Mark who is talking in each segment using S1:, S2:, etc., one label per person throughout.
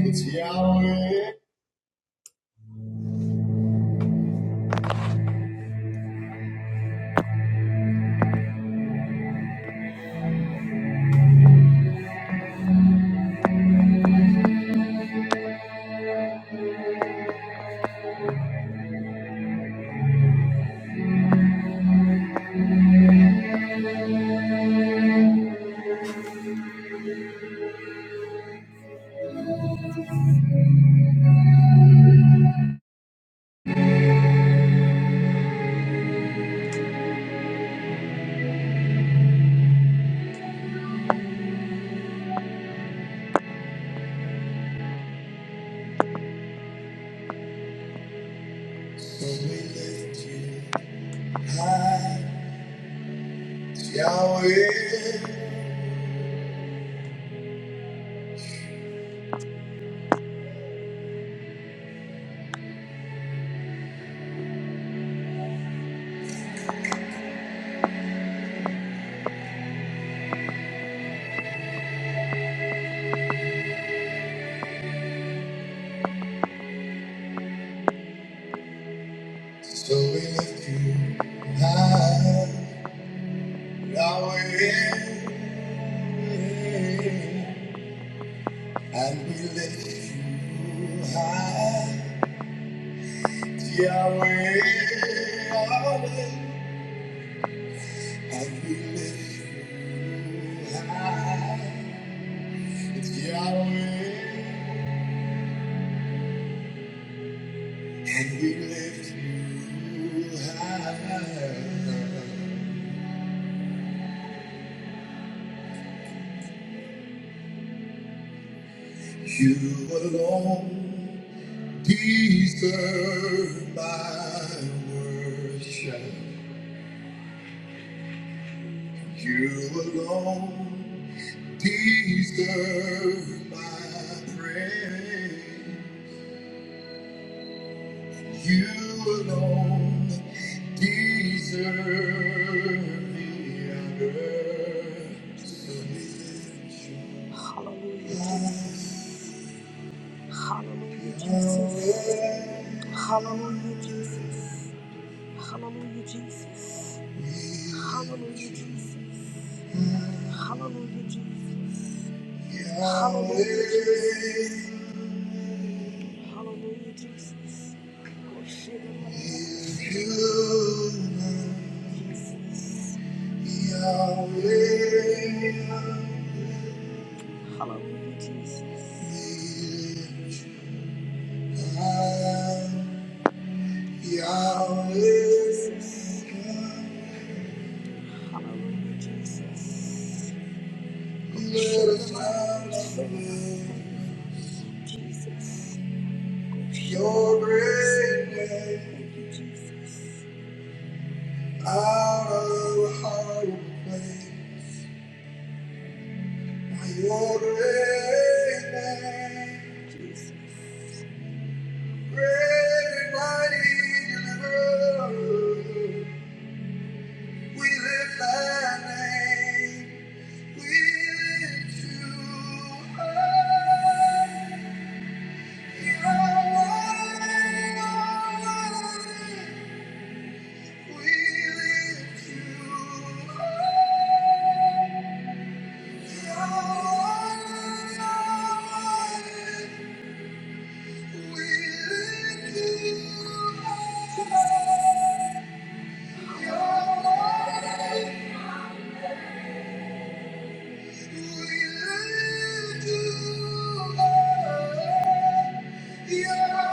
S1: It's Yahweh. So we lift you high. It's Yahweh. So we lift you high. Yahweh. And we lift you high. It's Yahweh. Yahweh. And we lift you high. It's Yahweh. And we lift you high. You alone deserve my worship. You alone deserve my praise. You alone deserve the honor. So we lift you Hallelujah. Hallelujah, Jesus. Hallelujah, Jesus. Hallelujah, Jesus. Hallelujah, Jesus. Hallelujah, Jesus. Hallelujah, Jesus. Hallelujah, Jesus. Jesus. Hallelujah, Jesus. Yahweh's name. Hallelujah, Jesus. Let us have our way. Thank Jesus. Your great name Thank you, Jesus. out of our way. Your great name, Jesus. great and mighty deliverer. We lift thy name. We lift you up. You're our We lift you up. You're our Lord. We lift you up. You're our Lord. We lift you up. Yeah.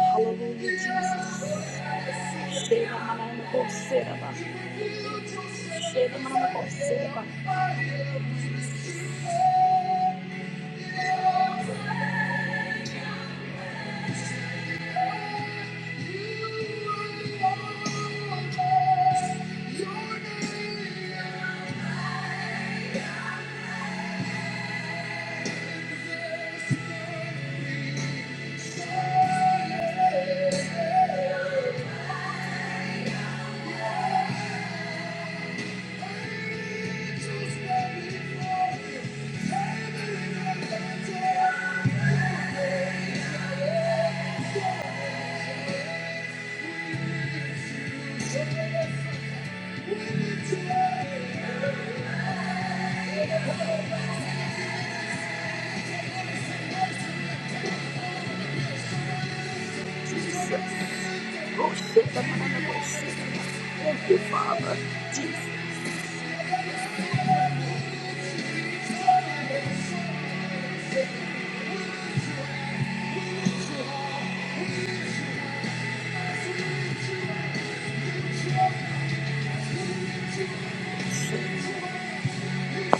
S1: Hallelujah, Jesus. Sera manana ko sera ba. Sera manana ko sera ba. Jesus. Oh, sera manana ko sera. Thank you, Father.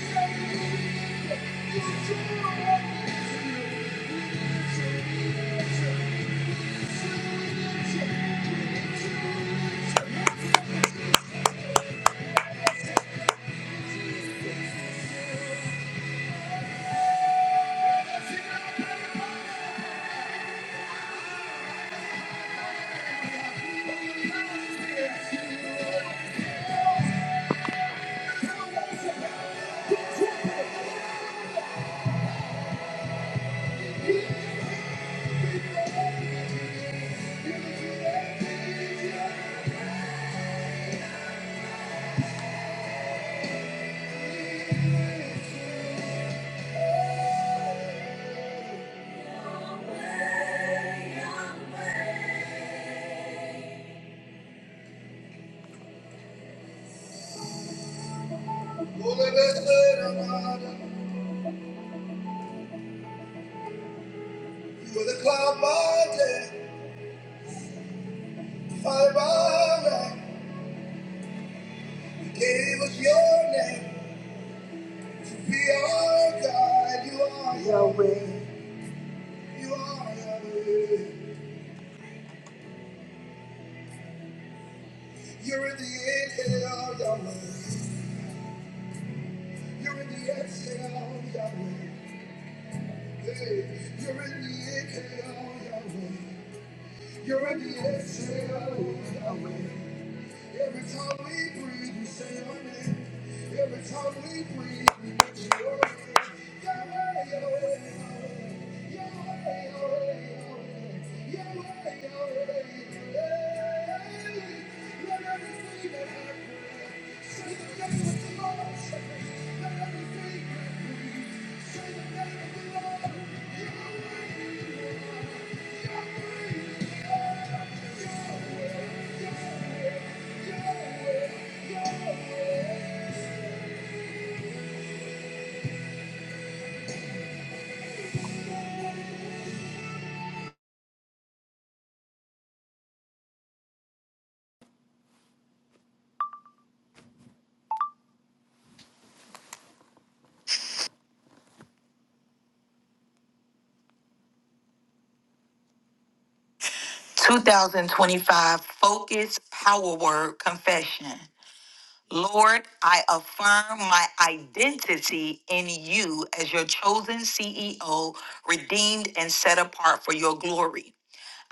S1: Jesus. You were the cloud by day, fire by night. You gave us your name to be our guide. You are Yahweh. You are Yahweh. You're in the inhale, Yahweh. You're in the exhale, Yahweh. You're in the exhale, Yahweh. You're in the exhale, Yahweh. Every time we breathe, we say your name. Every time we breathe, we mention your name. Yahweh, Yahweh, Yahweh, Yahweh, Yahweh, Yahweh, Yahweh. Hey, let everything that happens say the name of the Lord. Let everything say the name of the Lord.
S2: 2025 Focus Power Word Confession. Lord, I affirm my identity in you as your chosen CEO, redeemed and set apart for your glory.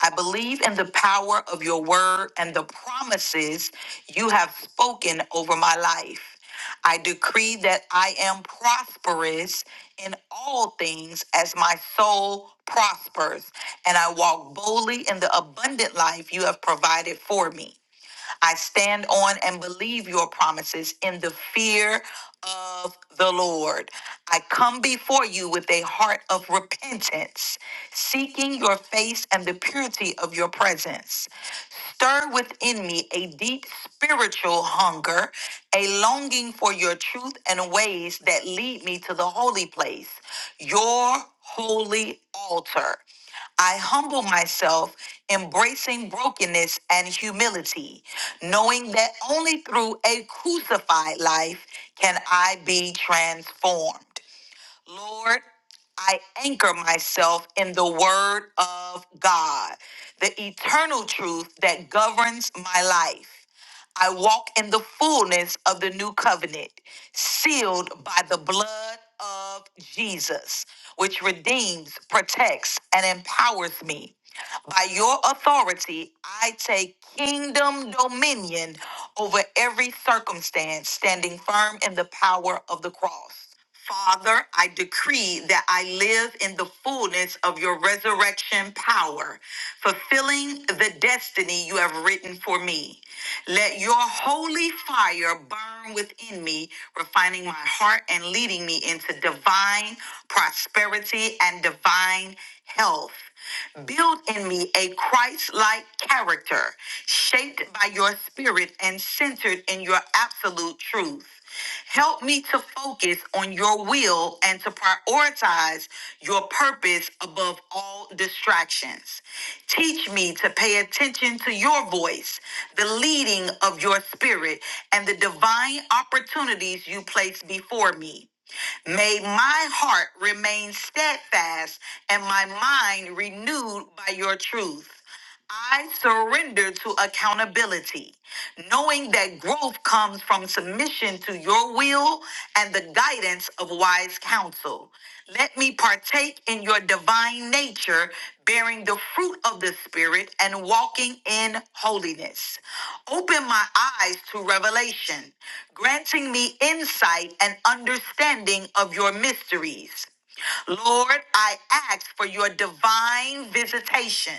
S2: I believe in the power of your word and the promises you have spoken over my life. I decree that I am prosperous in all things as my soul prospers, and I walk boldly in the abundant life you have provided for me. I stand on and believe your promises in the fear of the Lord. I come before you with a heart of repentance, seeking your face and the purity of your presence. Stir within me a deep spiritual hunger, a longing for your truth and ways that lead me to the holy place, your holy altar. I humble myself, embracing brokenness and humility, knowing that only through a crucified life can I be transformed. Lord, I anchor myself in the word of God, the eternal truth that governs my life. I walk in the fullness of the new covenant, sealed by the blood of Jesus, which redeems, protects, and empowers me. By your authority, I take kingdom dominion over every circumstance, standing firm in the power of the cross. Father, I decree that I live in the fullness of your resurrection power, fulfilling the destiny you have written for me. Let your holy fire burn within me, refining my heart and leading me into divine prosperity and divine health. Build in me a Christ like character, shaped by your spirit and centered in your absolute truth. Help me to focus on your will and to prioritize your purpose above all distractions. Teach me to pay attention to your voice, the leading of your spirit, and the divine opportunities you place before me. May my heart remain steadfast and my mind renewed by your truth. I surrender to accountability, knowing that growth comes from submission to your will and the guidance of wise counsel. Let me partake in your divine nature, bearing the fruit of the Spirit and walking in holiness. Open my eyes to revelation, granting me insight and understanding of your mysteries. Lord, I ask for your divine visitation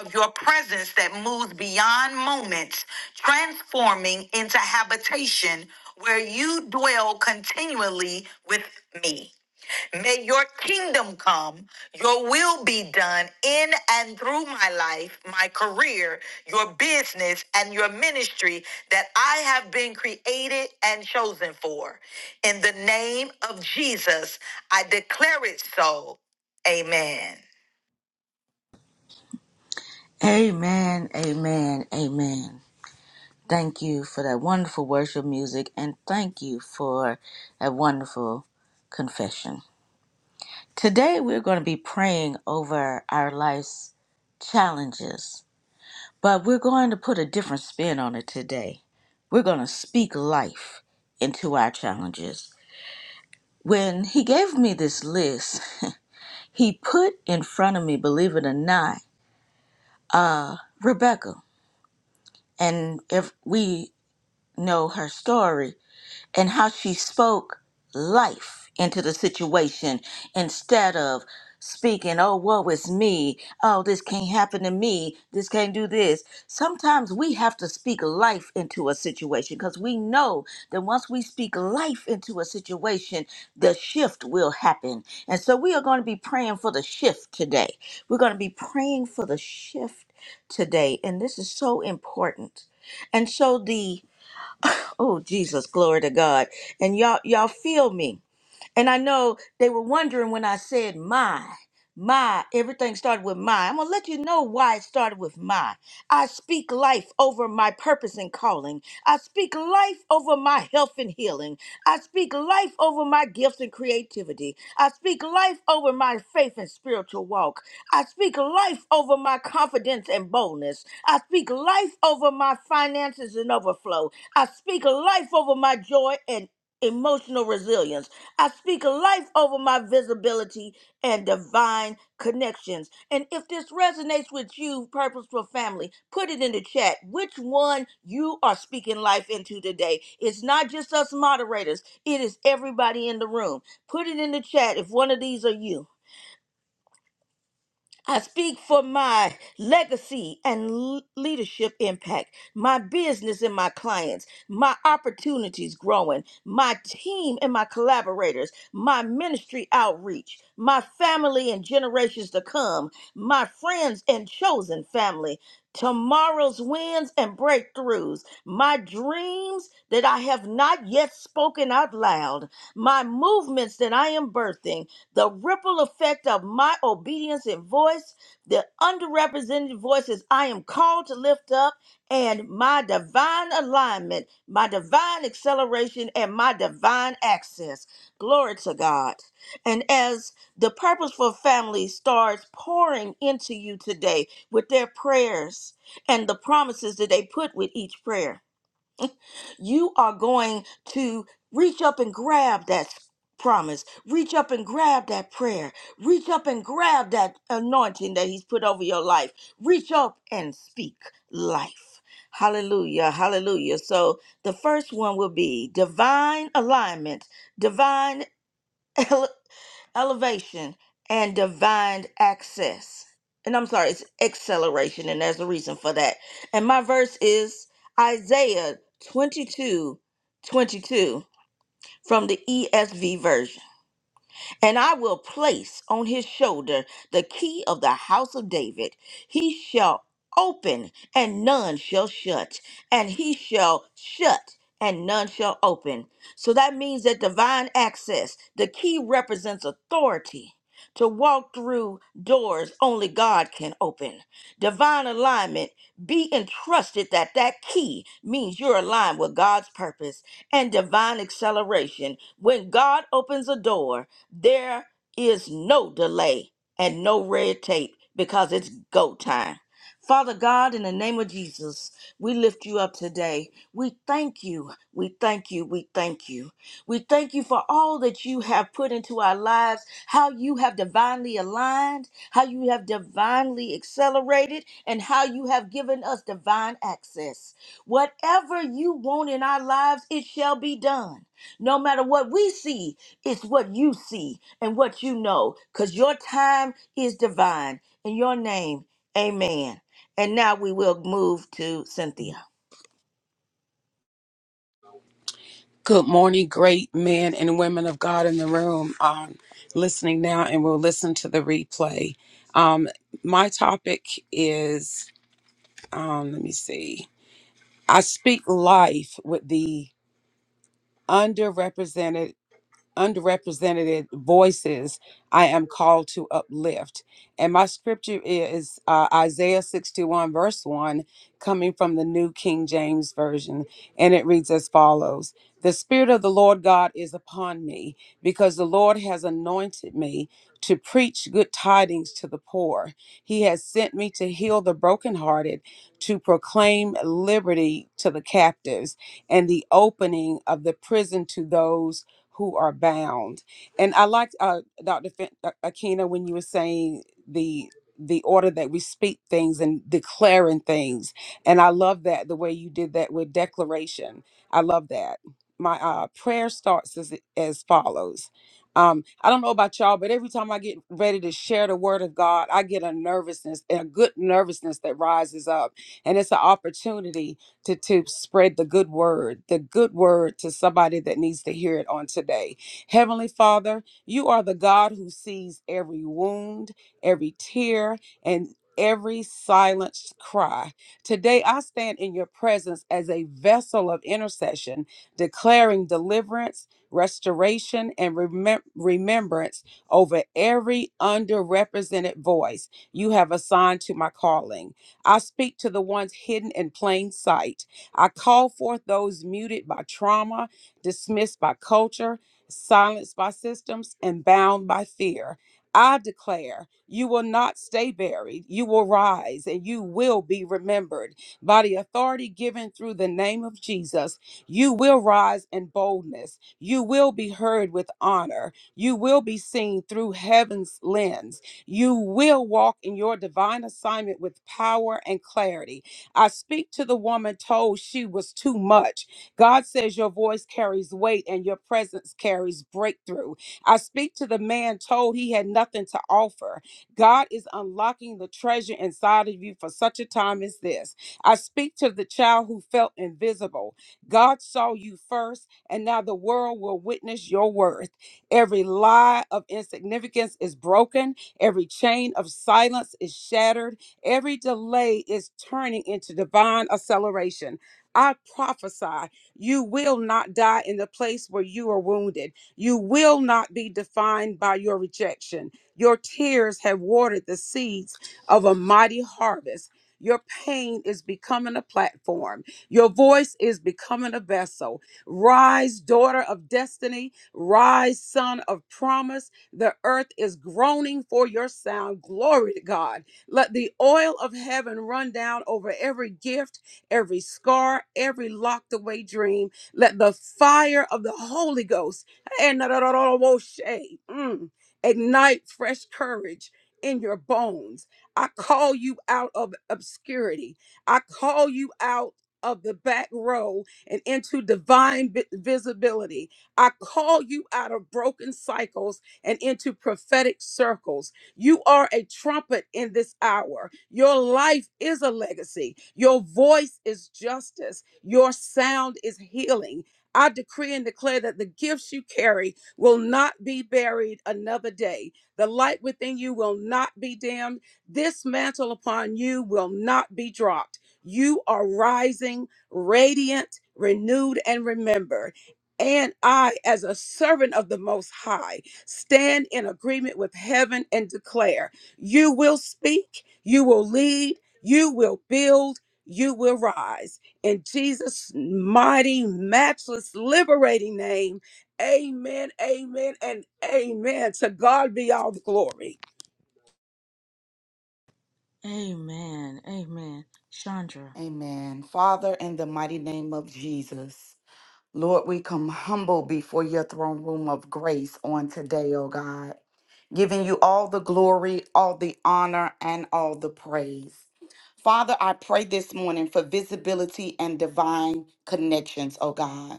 S2: of your presence that moves beyond moments, transforming into habitation where you dwell continually with me. May your kingdom come, your will be done in and through my life, my career, your business, and your ministry that I have been created and chosen for. In the name of Jesus, I declare it so. Amen.
S3: Amen, amen, amen. Thank you for that wonderful worship music and thank you for that wonderful confession. Today we're going to be praying over our life's challenges, but we're going to put a different spin on it today. We're going to speak life into our challenges. When he gave me this list, he put in front of me, believe it or not, uh, Rebecca. And if we know her story and how she spoke life into the situation instead of speaking, oh, woe is me. Oh, this can't happen to me. This can't do this. Sometimes we have to speak life into a situation because we know that once we speak life into a situation, the shift will happen. And so we are going to be praying for the shift today. We're going to be praying for the shift today. And this is so important. And so the Oh, Jesus, glory to God. And y'all, y'all feel me. And I know they were wondering when I said my, my, everything started with my. I'm going to let you know why it started with my. I speak life over my purpose and calling. I speak life over my health and healing. I speak life over my gifts and creativity. I speak life over my faith and spiritual walk. I speak life over my confidence and boldness. I speak life over my finances and overflow. I speak life over my joy and emotional resilience. I speak life over my visibility and divine connections. And if this resonates with you, Purposeful Family, put it in the chat which one you are speaking life into today. It's not just us moderators, it is everybody in the room. Put it in the chat if one of these are you. I speak for my legacy and l- leadership impact, my business and my clients, my opportunities growing, my team and my collaborators, my ministry outreach, my family and generations to come, my friends and chosen family, tomorrow's wins and breakthroughs, my dreams that I have not yet spoken out loud, my movements that I am birthing the ripple effect of my obedience and voice, the underrepresented voices I am called to lift up, and my divine alignment, my divine acceleration, and my divine access. Glory to God. And as the purposeful family starts pouring into you today with their prayers and the promises that they put with each prayer you are going to reach up and grab that s- promise. Reach up and grab that prayer. Reach up and grab that anointing that He's put over your life. Reach up and speak life. Hallelujah. Hallelujah. So the first one will be divine alignment, divine. elevation and divine access. And I'm sorry, it's acceleration, and there's a reason for that. And my verse is Isaiah 22, 22 from the ESV version. And I will place on his shoulder the key of the house of David. He shall open, and none shall shut, and he shall shut. And none shall open. So that means that divine access, the key represents authority to walk through doors only God can open. Divine alignment, be entrusted that that key means you're aligned with God's purpose and divine acceleration. When God opens a door, there is no delay and no red tape because it's go time. Father God, in the name of Jesus, we lift you up today. We thank you. We thank you. We thank you. We thank you for all that you have put into our lives, how you have divinely aligned, how you have divinely accelerated, and how you have given us divine access. Whatever you want in our lives, it shall be done. No matter what we see, it's what you see and what you know, because your time is divine. In your name, amen. And now we will move to Cynthia.
S4: Good morning, great men and women of God in the room. Um, listening now, and we'll listen to the replay. Um, my topic is um, let me see. I speak life with the underrepresented underrepresented voices I am called to uplift. And my scripture is uh, Isaiah 61, verse 1, coming from the New King James Version. And it reads as follows The Spirit of the Lord God is upon me, because the Lord has anointed me to preach good tidings to the poor. He has sent me to heal the brokenhearted, to proclaim liberty to the captives, and the opening of the prison to those who are bound. And I liked uh, Dr. Fin- uh, Akina when you were saying the the order that we speak things and declaring things. And I love that the way you did that with declaration. I love that. My uh, prayer starts as as follows. Um, I don't know about y'all, but every time I get ready to share the word of God, I get a nervousness and a good nervousness that rises up. And it's an opportunity to, to spread the good word, the good word to somebody that needs to hear it on today. Heavenly Father, you are the God who sees every wound, every tear, and every silenced cry. Today, I stand in your presence as a vessel of intercession, declaring deliverance, restoration, and remem- remembrance over every underrepresented voice you have assigned to my calling. I speak to the ones hidden in plain sight. I call forth those muted by trauma, dismissed by culture, silenced by systems, and bound by fear. I declare you will not stay buried. You will rise and you will be remembered. By the authority given through the name of Jesus, you will rise in boldness. You will be heard with honor. You will be seen through heaven's lens. You will walk in your divine assignment with power and clarity. I speak to the woman told she was too much. God says your voice carries weight and your presence carries breakthrough. I speak to the man told he had nothing to offer. God is unlocking the treasure inside of you for such a time as this. I speak to the child who felt invisible. God saw you first, and now the world will witness your worth. Every lie of insignificance is broken Every chain of silence is shattered. Every delay is turning into divine acceleration. I prophesy you will not die in the place where you are wounded. You will not be defined by your rejection. Your tears have watered the seeds of a mighty harvest. Your pain is becoming a platform. Your voice is becoming a vessel. Rise, daughter of destiny. Rise, son of promise. The earth is groaning for your sound. Glory to God. Let the oil of heaven run down over every gift, every scar, every locked away dream. Let the fire of the Holy Ghost eh, na- na- na- na- wo- shay, mm, ignite fresh courage in your bones. I call you out of obscurity. I call you out of the back row and into divine vi- visibility. I call you out of broken cycles and into prophetic circles. You are a trumpet in this hour. Your life is a legacy. Your voice is justice. Your sound is healing. I decree and declare that the gifts you carry will not be buried another day. The light within you will not be dimmed. This mantle upon you will not be dropped. You are rising, radiant, renewed, and remembered. And I, as a servant of the Most High, Stand in agreement with heaven and declare you will speak, you will lead, you will build, you will rise. In Jesus' mighty, matchless, liberating name, amen, amen, and amen. To God be all the glory.
S3: Amen. Amen. Chandra.
S2: Amen. Father, in the mighty name of Jesus, Lord, we come humble before your throne room of grace on today, oh God. giving you all the glory, all the honor, and all the praise. Father, I pray this morning for visibility and divine connections, oh God.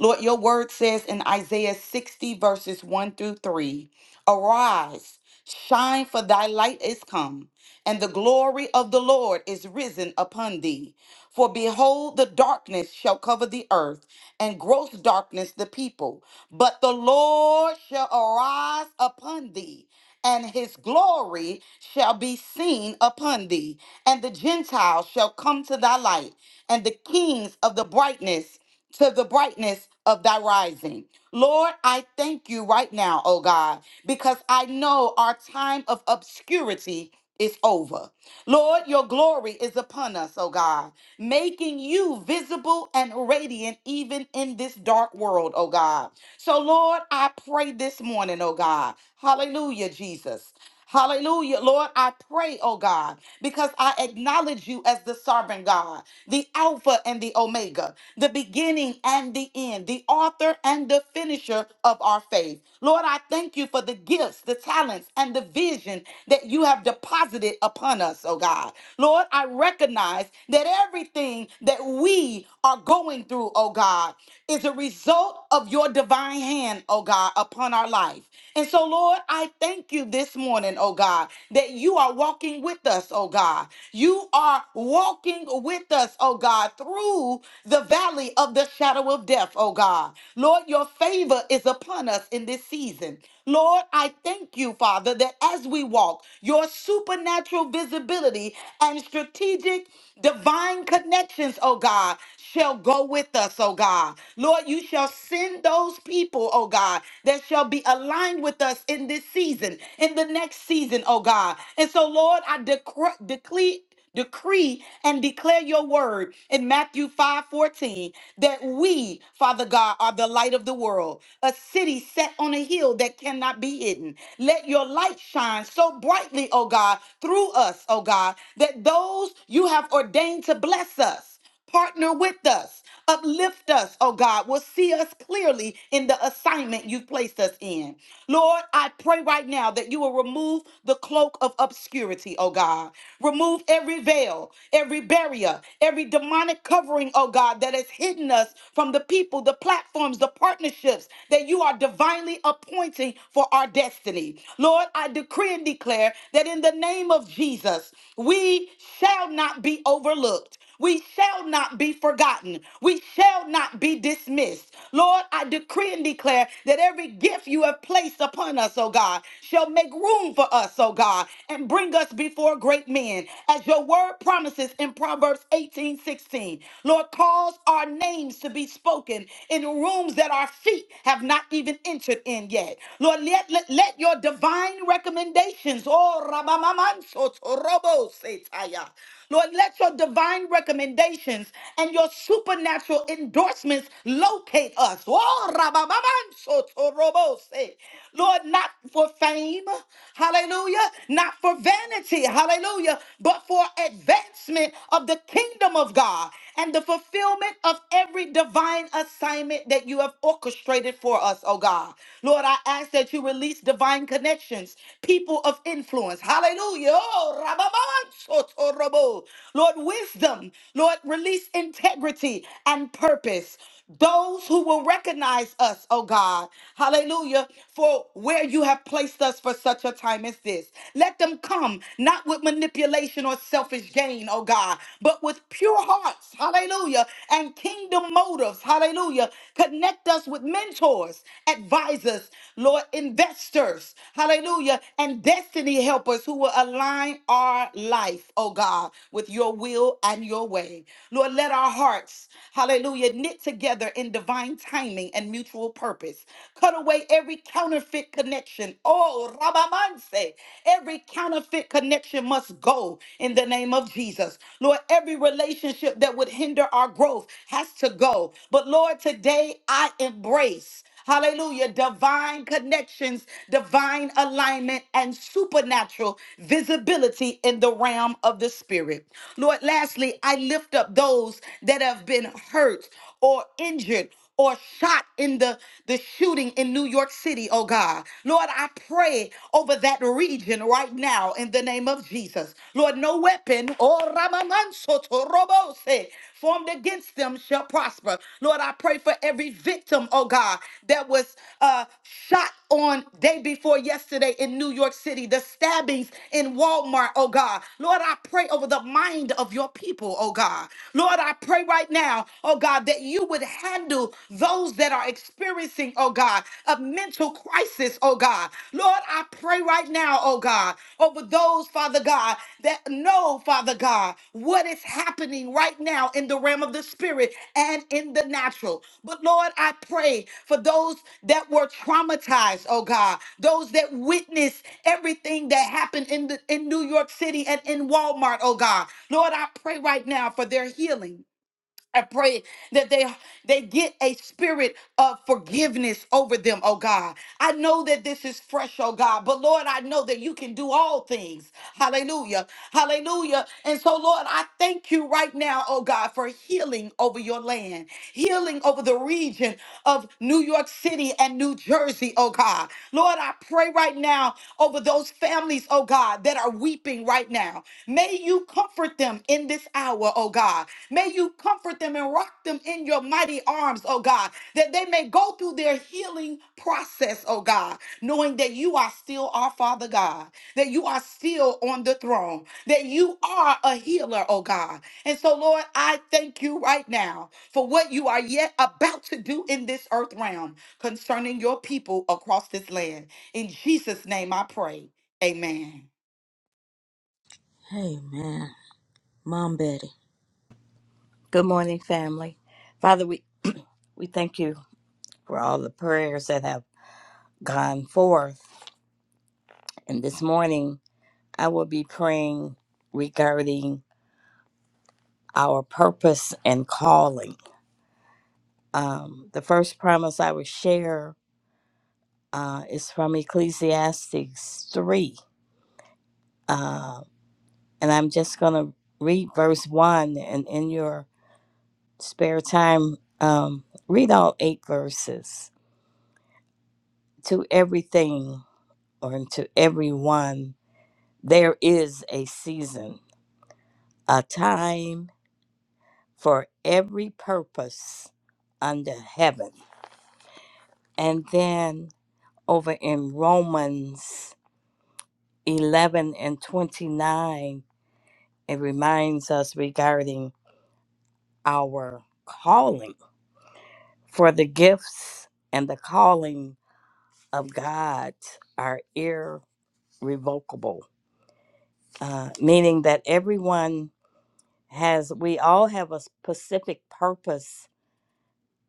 S2: Lord, your word says in Isaiah 60, verses 1 through 3 Arise, shine, for thy light is come, and the glory of the Lord is risen upon thee. For behold, the darkness shall cover the earth, and gross darkness the people. But the Lord shall arise upon thee, and his glory shall be seen upon thee. And the Gentiles shall come to thy light, and the kings of the brightness to the brightness of thy rising. Lord, I thank you right now, oh God, because I know our time of obscurity is over. Lord, your glory is upon us, oh God, making you visible and radiant even in this dark world, oh God. So, Lord, I pray this morning, oh God. Hallelujah, Jesus. Hallelujah. Lord, I pray, oh God, because I acknowledge you as the sovereign God, the Alpha and the Omega, the beginning and the end, the author and the finisher of our faith. Lord, I thank you for the gifts, the talents, and the vision that you have deposited upon us, oh God. Lord, I recognize that everything that we are going through, oh God, is a result of your divine hand, oh God, upon our life. And so, Lord, I thank thank you this morning, oh God, that you are walking with us, oh God. You are walking with us, oh God, through the valley of the shadow of death, oh God. Lord, your favor is upon us in this season. Lord, I thank you, Father, that as we walk, your supernatural visibility and strategic divine connections, oh God, shall go with us, oh God. Lord, you shall send those people, oh God, that shall be aligned with us in this season, in the next season, oh God. And so, Lord, I decree. decree decree and declare your word in Matthew 5 14 that we, Father God, are the light of the world, a city set on a hill that cannot be hidden. Let your light shine so brightly, O God, through us, O God, that those you have ordained to bless us. Partner with us, uplift us, oh God, will see us clearly in the assignment you've placed us in. Lord, I pray right now that you will remove the cloak of obscurity, oh God. Remove every veil, every barrier, every demonic covering, oh God, that has hidden us from the people, the platforms, the partnerships that you are divinely appointing for our destiny. Lord, I decree and declare that in the name of Jesus, we shall not be overlooked. We shall not be forgotten. We shall not be dismissed. Lord, I decree and declare that every gift you have placed upon us, oh God, shall make room for us, oh God, and bring us before great men. As your word promises in Proverbs 18 16. Lord, cause our names to be spoken in rooms that our feet have not even entered in yet. Lord, let, let, let your divine recommendations, oh, Rabamamanso, Torobo, Setaya. Lord, let your divine recommendations and your supernatural endorsements locate us. Oh, rabababansotorobose. Lord, not for fame, hallelujah, not for vanity, hallelujah, but for advancement of the kingdom of God and the fulfillment of every divine assignment that you have orchestrated for us, oh God. Lord, I ask that you release divine connections, people of influence. Hallelujah. Oh, rabababam, sotorobo. Lord, wisdom. Lord, release integrity and purpose. Those who will recognize us, oh God, hallelujah, for where you have placed us for such a time as this. Let them come, not with manipulation or selfish gain, oh God, but with pure hearts, hallelujah, and kingdom motives, hallelujah. Connect us with mentors, advisors, Lord, investors, hallelujah, and destiny helpers who will align our life, oh God, with your will and your way. Lord, let our hearts, hallelujah, we knit together in divine timing and mutual purpose. Cut away every counterfeit connection. Oh, Rabamanse. Every counterfeit connection must go in the name of Jesus. Lord, every relationship that would hinder our growth has to go. But Lord, today I embrace. Hallelujah. Divine connections, divine alignment, and supernatural visibility in the realm of the spirit. Lord, lastly, I lift up those that have been hurt or injured or shot in the, the shooting in New York City, oh God. Lord, I pray over that region right now in the name of Jesus. Lord, no weapon, oh Ramamansoto Robose, formed against them shall prosper. Lord, I pray for every victim, oh God, that was uh, shot on day before yesterday in New York City, the stabbings in Walmart, oh God. Lord, I pray over the mind of your people, oh God. Lord, I pray right now, oh God, that you would handle those that are experiencing, oh God, a mental crisis, oh God. Lord, I pray right now, oh God, over those, Father God, that know, Father God, what is happening right now in the realm of the spirit and in the natural. But Lord, I pray for those that were traumatized, oh God, those that witnessed everything that happened in the in New York City and in Walmart, oh God. Lord, I pray right now for their healing. I pray that they they get a spirit of forgiveness over them, oh God. I know that this is fresh, oh God, but Lord, I know that you can do all things. Hallelujah. Hallelujah. And so, Lord, I thank you right now, oh God, for healing over your land, healing over the region of New York City and New Jersey, oh God. Lord, I pray right now over those families, oh God, that are weeping right now now. May you comfort them in this hour, oh God. May you comfort them and rock them in your mighty arms, oh God, that they may go through their healing process, oh God, knowing that you are still our Father God, that you are still on the throne, that you are a healer, oh God. And so, Lord, I thank you right now for what you are yet about to do in this earth realm concerning your people across this land. In Jesus' name I pray. Amen.
S3: Amen. Mom Betty.
S5: Good morning, family. Father, we, we thank you for all the prayers that have gone forth. And this morning, I will be praying regarding our purpose and calling. Um, the first promise I will share uh, is from Ecclesiastes 3. Uh, and I'm just going to read verse 1. And in your spare time, um, read all eight verses. To everything or to everyone There is a season, a time for every purpose under heaven. And then over in Romans 11 and 29, it reminds us regarding our calling. For the gifts and the calling of God are irrevocable, uh, meaning that everyone has, we all have a specific purpose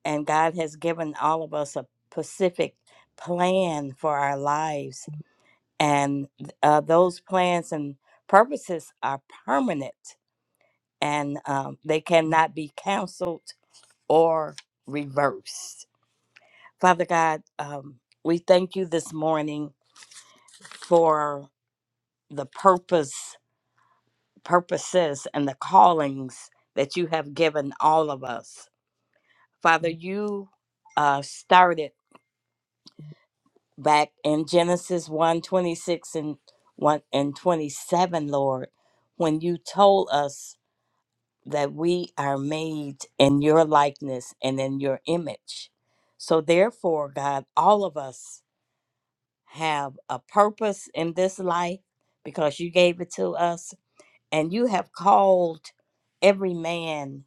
S5: and God has given all of us a specific plan for our lives, and uh, those plans and purposes are permanent, and um, they cannot be canceled or reversed. Father God, um, we thank you this morning for the purpose, purposes, and the callings that you have given all of us. Father, you uh, started. back in Genesis one 26 and 1 and 27, Lord, when you told us that we are made in your likeness and in your image. So, therefore, God, all of us have a purpose in this life because you gave it to us and you have called every man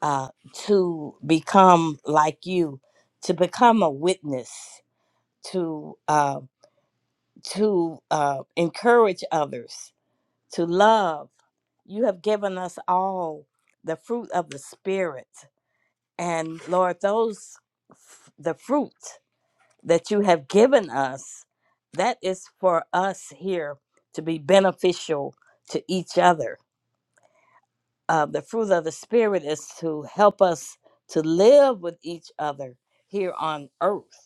S5: uh, to become like you, to become a witness to. uh, to uh, encourage others, to love. You have given us all the fruit of the Spirit. And Lord, those, f- the fruit that you have given us, that is for us here to be beneficial to each other. Uh, the fruit of the Spirit is to help us to live with each other here on earth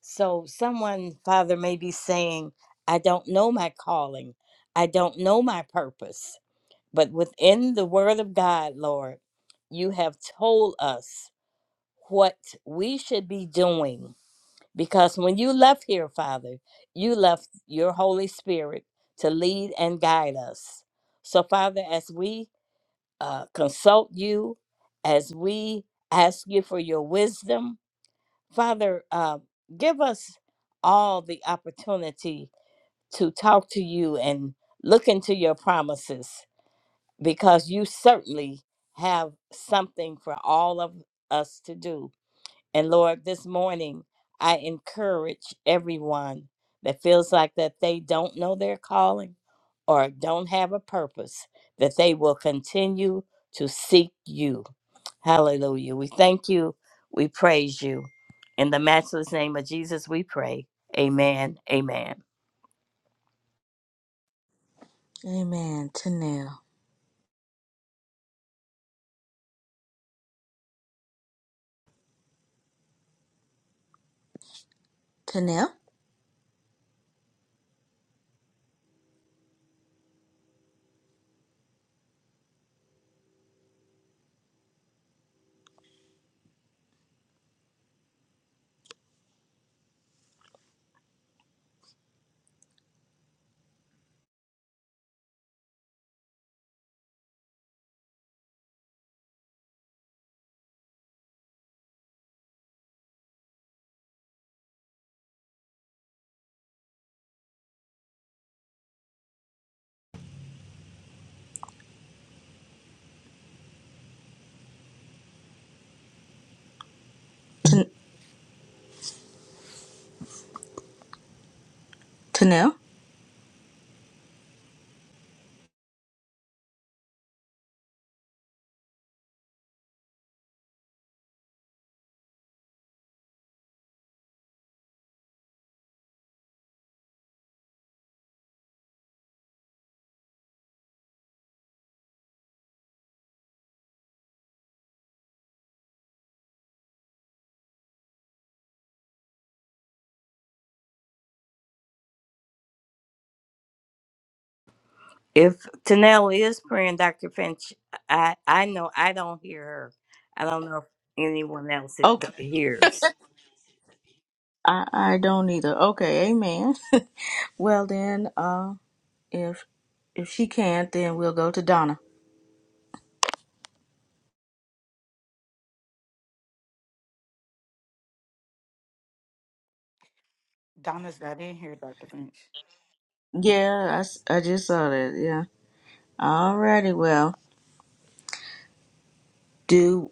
S5: So, someone, Father, may be saying, I don't know my calling. I don't know my purpose. But within the Word of God, Lord, you have told us what we should be doing. Because when you left here, Father, you left your Holy Spirit to lead and guide us. So, Father, as we uh, consult you, as we ask you for your wisdom, Father, uh, give us all the opportunity to talk to you and look into your promises because you certainly have something for all of us to do and Lord, this morning, I encourage everyone that feels like that they don't know their calling or don't have a purpose, that they will continue to seek you. Hallelujah. We thank you. We praise you. In the matchless name of Jesus, we pray. Amen. Amen.
S3: Amen. Tanel. Tanel? Tanel?
S5: If Tanel is praying, Dr. Finch, I, I know I don't hear her. I don't know if anyone else it-
S3: Okay.
S5: hears.
S3: I, I don't either. Okay, amen. Well then, uh if if she can't, then we'll go to Donna.
S2: Donna's not in here, Dr. Finch.
S3: Yeah, I, s- I just saw that. Yeah. Alrighty, well. Do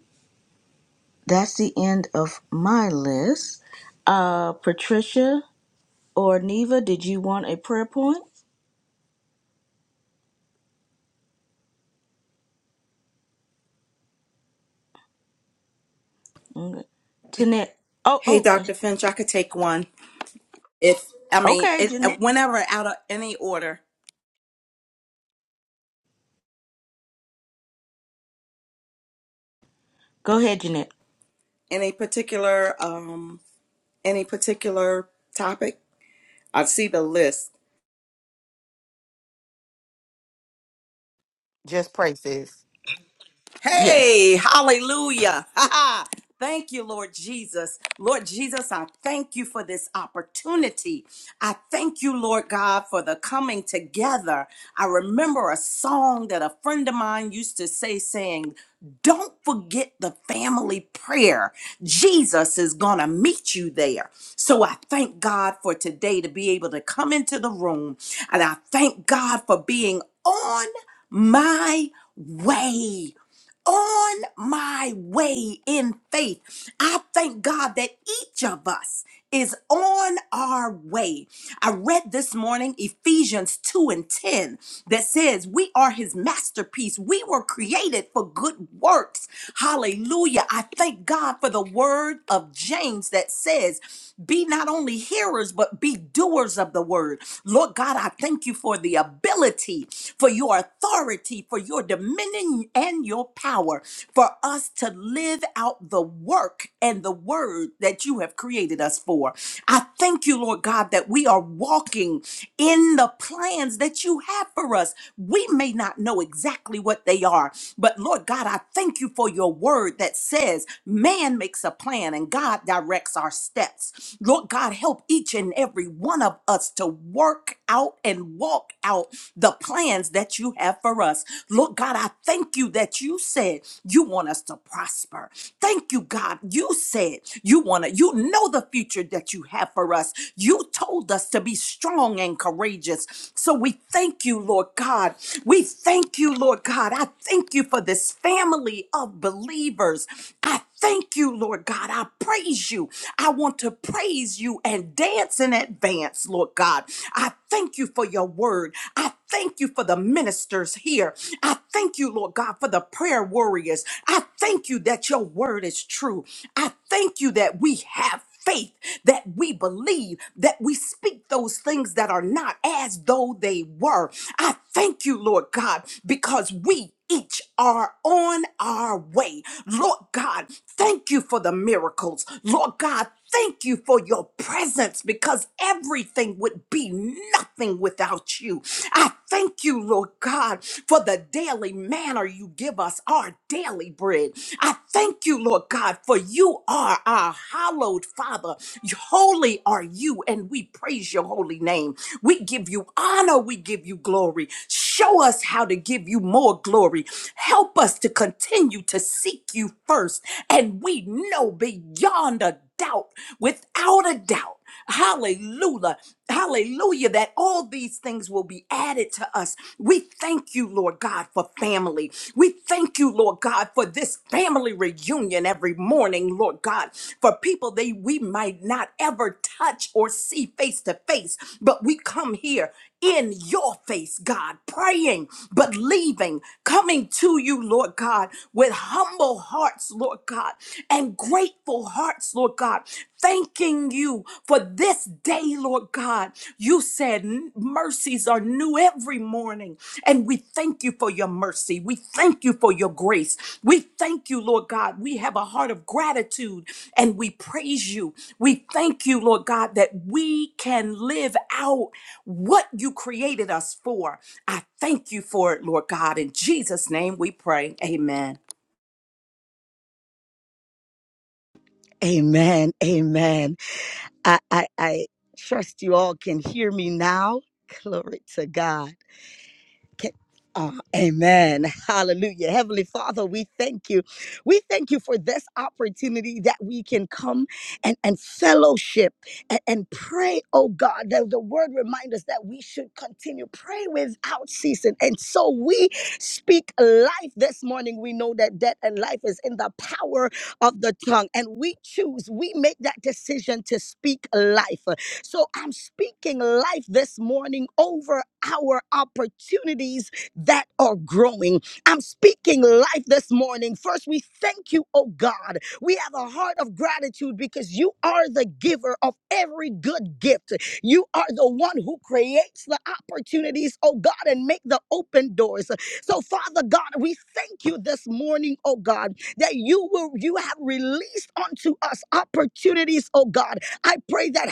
S3: that's the end of my list. Uh, Patricia or Neva, did you want a prayer point? Okay. Jeanette. Oh, oh,
S6: Hey,
S3: okay.
S6: Dr. Finch, I could take one. If I mean,
S3: Okay,
S6: it, uh,
S3: Jeanette.
S6: whenever out of any order,
S3: Go ahead, Jeanette.
S6: any particular um, any particular topic, I see the list.
S2: Just pray, sis.
S3: Yes.
S6: Hey, hallelujah. Thank you, Lord Jesus. Lord Jesus, I thank you for this opportunity. I thank you, Lord God, for the coming together. I remember a song that a friend of mine used to say, saying, Don't forget the family prayer. Jesus is going to meet you there. So I thank God for today to be able to come into the room. And I thank God for being on my way on my way in faith. I thank God that each of us is on our way. I read this morning Ephesians 2 and 10 that says, We are his masterpiece. We were created for good works Hallelujah. I thank God for the word of James that says, be not only hearers, but be doers of the word. Lord God, I thank you for the ability, for your authority, for your dominion and your power for us to live out the work and the word that you have created us for. I thank you, Lord God, that we are walking in the plans that you have for us. We may not know exactly what they are, but Lord God, I thank you for your word that says man makes a plan and God directs our steps. Lord God, help each and every one of us to work out and walk out the plans that you have for us. Lord God, I thank you that you said you want us to prosper. Thank you, God. You said you want to, you know the future that you have for us. You told us to be strong and courageous. So we thank you, Lord God. We thank you, Lord God. I thank you for this family of believers. I thank you, Lord God. I praise you. I want to praise you and dance in advance, Lord God. I thank you for your word. I thank you for the ministers here. I thank you, Lord God, for the prayer warriors. I thank you that your word is true. I thank you that we have faith that we believe, that we speak those things that are not as though they were. I thank you, Lord God, because we each are on our way. Lord God, thank you for the miracles. Lord God, thank you for your presence because everything would be nothing without you. I thank you, Lord God, for the daily manner you give us, our daily bread. I thank you, Lord God, for you are our hallowed hallowed, Father. Holy are you, and we praise your holy name. We give you honor, we give you glory. Show us how to give you more glory. Help us to continue to seek you first, and we know beyond a doubt, without a doubt. Hallelujah. Hallelujah. That all these things will be added to us. We thank you, Lord God, for family. We thank you, Lord God, for this family reunion every morning, Lord God, for people that we might not ever touch or see face to face, but we come here in your face, God, praying but leaving, coming to you, Lord God, with humble hearts, Lord God, and grateful hearts, Lord God, thanking you for this day, Lord God. You said "N- mercies are new every morning, and we thank you for your mercy. We thank you for your grace. We thank you, Lord God. We have a heart of gratitude and we praise you. We thank you, Lord God, that we can live out what you created us for. I thank you for it, Lord God. In Jesus' name we pray. Amen.
S7: Amen. Amen. I, I, I trust you all can hear me now. Glory to God. Ca- Ah, amen. Hallelujah. Heavenly Father, we thank you. We thank you for this opportunity that we can come and, and fellowship and, and pray, oh God, that the word reminds us that we should continue pray without ceasing. And so we speak life this morning. We know that death and life is in the power of the tongue. And we choose, we make that decision to speak life. So I'm speaking life this morning over our opportunities that are growing. I'm speaking life this morning. First, we thank you, oh God. We have a heart of gratitude because you are the giver of every good gift. You are the one who creates the opportunities, oh God, and make the open doors. So, Father God, we thank you this morning, oh God, that you will you have released unto us opportunities, oh God. I pray that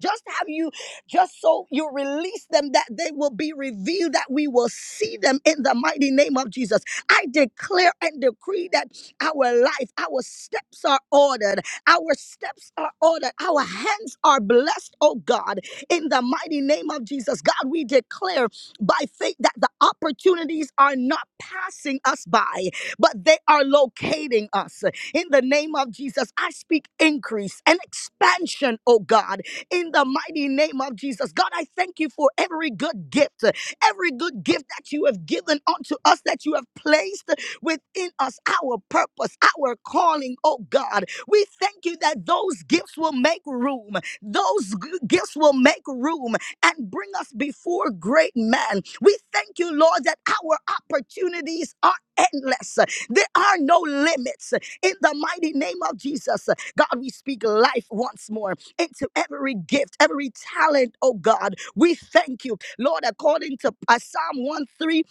S7: just have you just so you release them that they will be revealed that we will see them in the mighty name of jesus i declare and decree that our life our steps are ordered our steps are ordered our hands are blessed oh god in the mighty name of jesus god we declare by faith that the opportunities are not passing us by but they are locating us in the name of jesus i speak increase and expansion oh god in the mighty name of Jesus. God, I thank you for every good gift, uh, every good gift that you have given unto us, that you have placed within us, our purpose, our calling, oh God. We thank you that those gifts will make room. Those g- gifts will make room and bring us before great men. We thank you, Lord, that our opportunities are endless. There are no limits in the mighty name of Jesus. God, we speak life once more into every gift, every talent, oh God. We thank you, Lord, according to uh, Psalm one three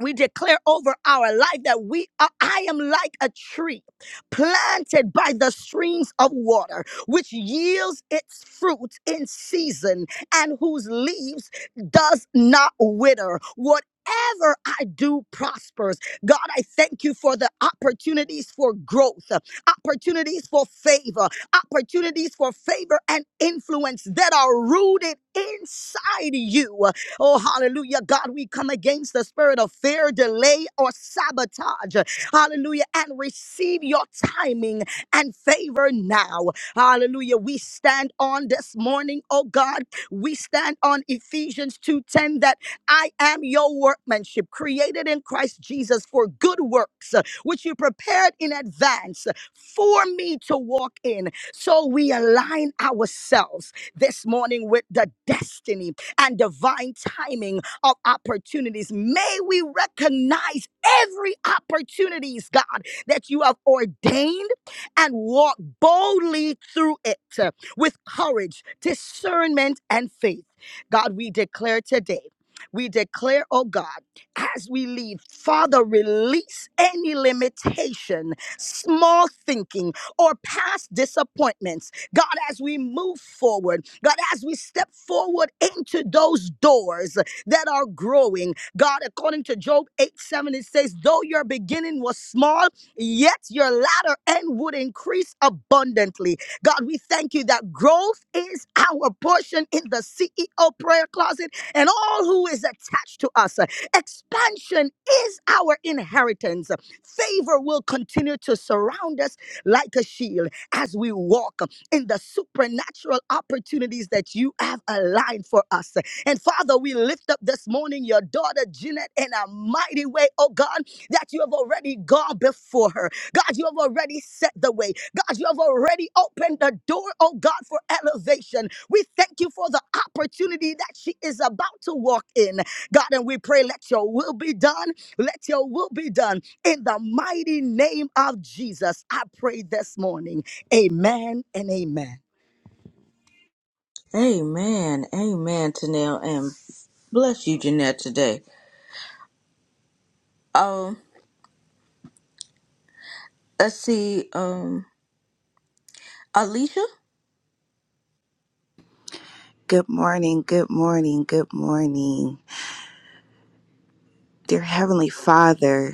S7: we declare over our life that we are, I am like a tree planted by the streams of water, which yields its fruit in season and whose leaves does not wither. Whatever I do prospers. God, I thank you for the opportunities for growth, opportunities for favor, opportunities for favor and influence that are rooted inside you. Oh, hallelujah. God, we come against the spirit of fear, delay, or sabotage. Hallelujah. And receive your timing and favor now. Hallelujah. We stand on this morning, oh God. We stand on Ephesians 2:10 that I am your workmanship, created in Christ Jesus for good works, uh, which you prepared in advance uh, for me to walk in. So we align ourselves this morning with the destiny and divine timing of opportunities. May we recognize every opportunities, God, that you have ordained and walk boldly through it uh, with courage, discernment, and faith. God, we declare today. We declare, oh God, as we leave, Father, release any limitation, small thinking, or past disappointments God, as we move forward, God, as we step forward into those doors that are growing, God, according to Job 8 7, it says, Though your beginning was small, yet your latter end would increase abundantly. God, we thank you that growth is our portion in the CEO prayer closet and all who is attached to us. Expansion is our inheritance. Favor will continue to surround us like a shield as we walk in the supernatural opportunities that you have aligned for us. And Father, we lift up this morning your daughter Jeanette in a mighty way, oh God, that you have already gone before her. God, you have already set the way. God, you have already opened the door, oh God, for elevation. We thank you for the opportunity that she is about to walk in. God, and we pray, let your will be done. Let your will be done in the mighty name of Jesus. I pray this morning. Amen and amen.
S3: Amen. Amen, Tanel. And bless you, Jeanette, today. Um, let's see. Um, Alicia
S8: Good morning, good morning, good morning. Dear Heavenly Father,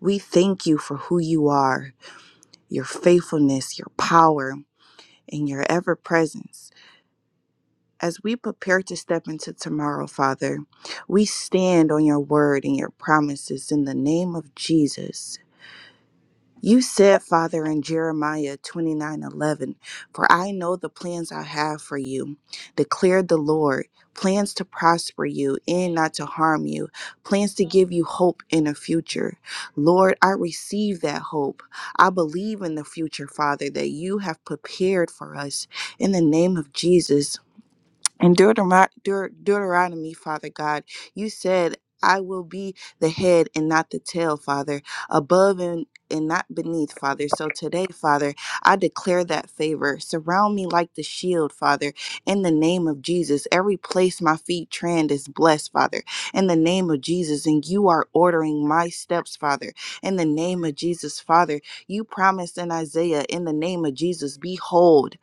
S8: we thank you for who you are, your faithfulness, your power, and your ever presence. As we prepare to step into tomorrow, Father, we stand on your word and your promises in the name of Jesus. You said, Father, in Jeremiah twenty nine eleven, For I know the plans I have for you, declared the Lord, plans to prosper you and not to harm you, plans to give you hope in a future. Lord, I receive that hope. I believe in the future, Father, that you have prepared for us. In the name of Jesus, in Deuteronomy, Deuteronomy, Father God, you said, I will be the head and not the tail, Father, above and, and not beneath, Father. So today, Father, I declare that favor. Surround me like the shield, Father, in the name of Jesus. Every place my feet trend is blessed, Father, in the name of Jesus. And you are ordering my steps, Father, in the name of Jesus, Father. You promised in Isaiah, in the name of Jesus, behold.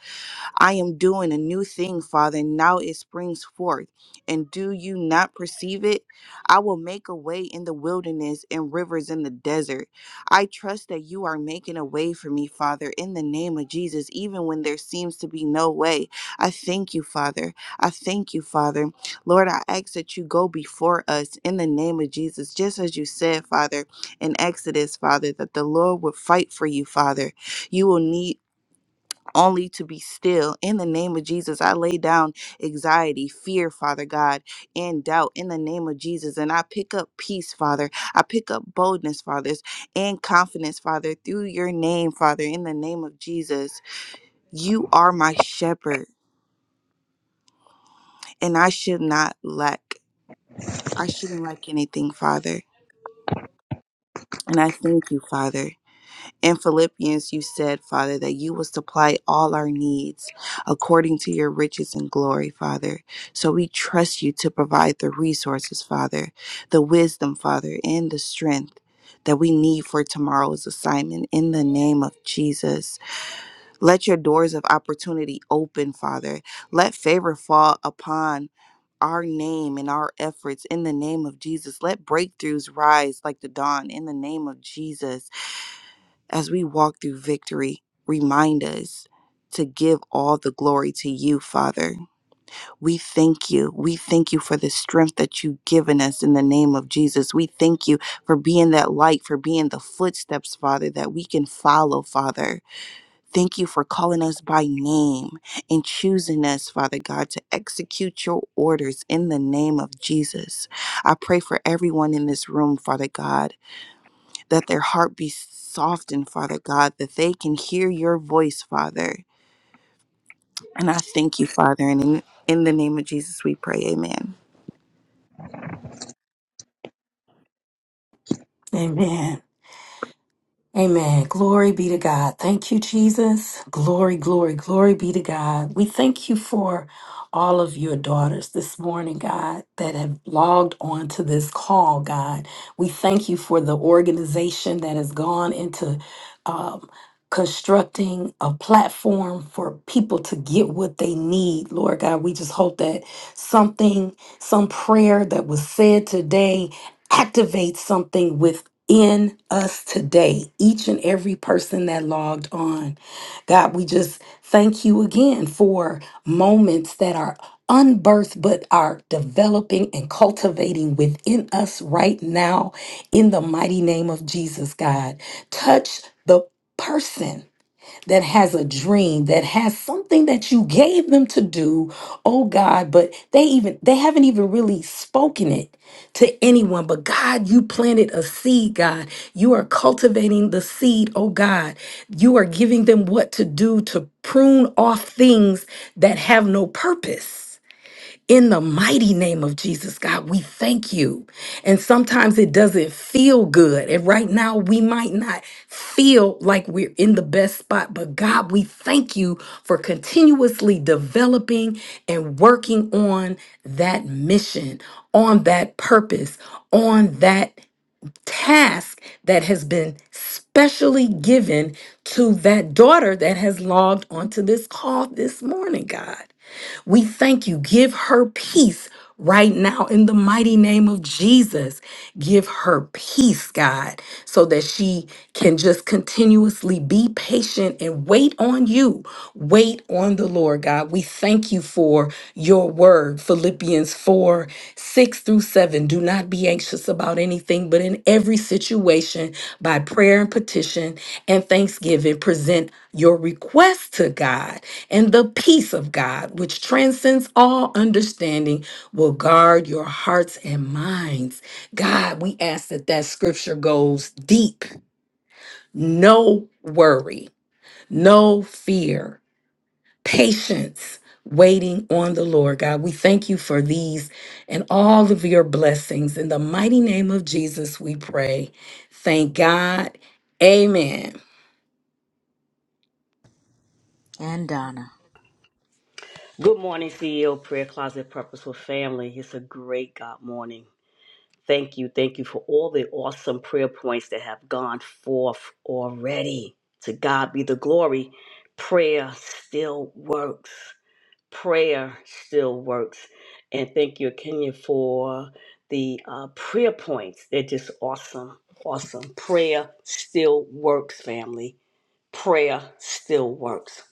S8: I am doing a new thing, Father, and now it springs forth. And do you not perceive it? I will make a way in the wilderness and rivers in the desert. I trust that you are making a way for me, Father, in the name of Jesus, even when there seems to be no way. I thank you, Father. I thank you, Father. Lord, I ask that you go before us in the name of Jesus, just as you said, Father, in Exodus, Father, that the Lord would fight for you, Father. You will need only to be still. In the name of Jesus, I lay down anxiety, fear, Father God, and doubt in the name of Jesus. And I pick up peace, Father. I pick up boldness, Fathers, and confidence, Father, through your name, Father, in the name of Jesus. You are my shepherd, and I should not lack. I shouldn't lack anything, Father. And I thank you, Father. In Philippians, you said, Father, that you will supply all our needs according to your riches and glory, Father. So we trust you to provide the resources, Father, the wisdom, Father, and the strength that we need for tomorrow's assignment in the name of Jesus. Let your doors of opportunity open, Father. Let favor fall upon our name and our efforts in the name of Jesus. Let breakthroughs rise like the dawn in the name of Jesus as we walk through victory, remind us to give all the glory to you, Father. We thank you. We thank you for the strength that you've given us in the name of Jesus. We thank you for being that light, for being the footsteps, Father, that we can follow, Father. Thank you for calling us by name and choosing us, Father God, to execute your orders in the name of Jesus. I pray for everyone in this room, Father God that their heart be softened, Father God, that they can hear your voice, Father. And I thank you, Father. And in, in the name of Jesus, we pray. Amen.
S9: Amen. Amen. Glory be to God. Thank you, Jesus. Glory, glory, glory be to God. We thank you for all of your daughters this morning, God, that have logged on to this call, God. We thank you for the organization that has gone into um, constructing a platform for people to get what they need, Lord God. We just hope that something, some prayer that was said today activates something within in us today, each and every person that logged on. God, we just thank you again for moments that are unbirthed but are developing and cultivating within us right now in the mighty name of Jesus, God. Touch the person that has a dream, that has something that you gave them to do, oh God, but they even they haven't even really spoken it to anyone. But God, you planted a seed, God. You are cultivating the seed, oh God. You are giving them what to do to prune off things that have no purpose. In the mighty name of Jesus, God, we thank you. And sometimes it doesn't feel good. And right now, we might not feel like we're in the best spot, but God, we thank you for continuously developing and working on that mission, on that purpose, on that task that has been specially given to that daughter that has logged onto this call this morning, God. We thank you. Give her peace right now in the mighty name of Jesus. Give her peace, God, so that she can just continuously be patient and wait on you. Wait on the Lord, God. We thank you for your word, Philippians 4 6 through 7. Do not be anxious about anything, but in every situation, by prayer and petition and thanksgiving, present your request to God. And the peace of God, which transcends all understanding, will guard your hearts and minds. God, we ask that that scripture goes deep. No worry, no fear, patience, waiting on the Lord. God, we thank you for these and all of your blessings. In the mighty name of Jesus, we pray. Thank God. Amen.
S3: and Donna.
S1: Good morning, CEO Prayer Closet Purposeful Family. It's a great God morning. Thank you. Thank you for all the awesome prayer points that have gone forth already. To God be the glory. Prayer still works. Prayer still works. And thank you, Kenya, for the uh, prayer points. They're just awesome. Awesome. Prayer still works, family prayer still works.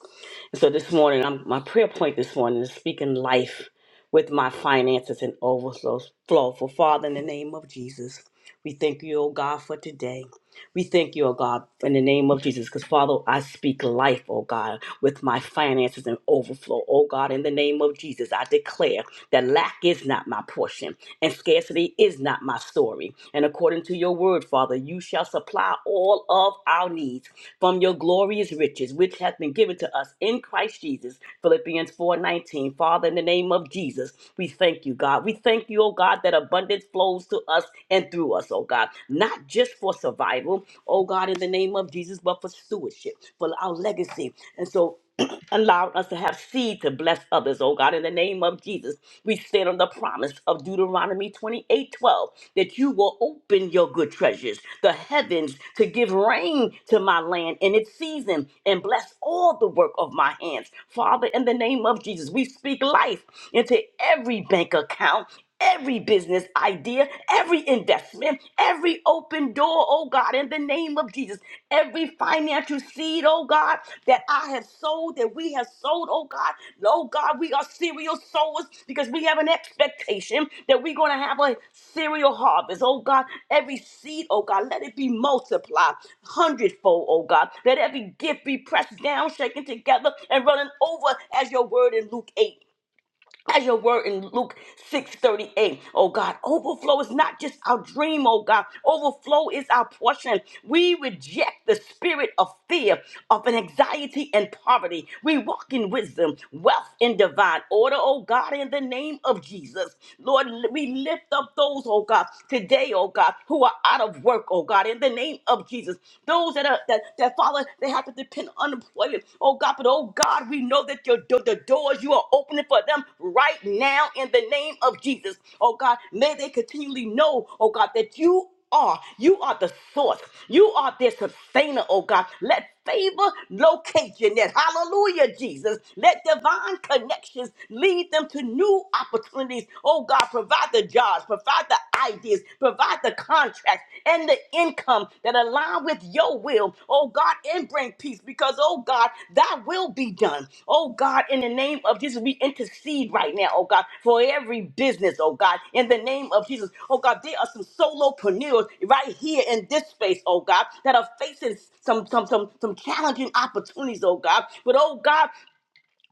S1: And so this morning, I'm, my prayer point this morning is speaking life with my finances and overflow. Flow. For Father, in the name of Jesus, we thank you, oh God, for today. We thank you, oh God, in the name of Jesus, because Father, I speak life, oh God with my finances and overflow. Oh God, in the name of Jesus, I declare that lack is not my portion and scarcity is not my story. And according to your word, Father, you shall supply all of our needs from your glorious riches, which hath been given to us in Christ Jesus. Philippians 4:19. Father, in the name of Jesus, we thank you, God. We thank you, oh God, that abundance flows to us and through us, oh God, not just for survival oh God, in the name of Jesus, but for stewardship, for our legacy. And so allow us to have seed to bless others, oh God, in the name of Jesus. We stand on the promise of Deuteronomy 28, 12, that you will open your good treasures, the heavens, to give rain to my land in its season and bless all the work of my hands. Father, in the name of Jesus, we speak life into every bank account, every business idea, every investment, every open door, oh God, in the name of Jesus, every financial seed, oh God, that I have sold, that we have sold, oh God, oh God, we are serial sowers because we have an expectation that we're going to have a serial harvest, oh God, every seed, oh God, let it be multiplied hundredfold, oh God, let every gift be pressed down, shaken together, and running over as your word in Luke 8 as your word in Luke six thirty eight, oh God, overflow is not just our dream, oh God. Overflow is our portion. We reject the spirit of fear, of an anxiety and poverty. We walk in wisdom, wealth, and divine order, oh God, in the name of Jesus. Lord, we lift up those, oh God, today, oh God, who are out of work, oh God, in the name of Jesus. Those that are that, that Father, they have to depend on unemployment. Oh God, but oh God, we know that your do- the doors you are opening for them right now in the name of Jesus. Oh God, may they continually know, oh God, that you are. You are the source. You are their sustainer, oh God. Let favor locate you net. Hallelujah, Jesus. Let divine connections lead them to new opportunities. Oh God, provide the jobs, provide the ideas, provide the contracts and the income that align with your will, oh God, and bring peace because, oh God, thy will be done. Oh God, in the name of Jesus, we intercede right now, oh God, for every business, oh God, in the name of Jesus. Oh God, there are some solopreneurs right here in this space, oh God, that are facing some some some some challenging opportunities, oh God. But oh God,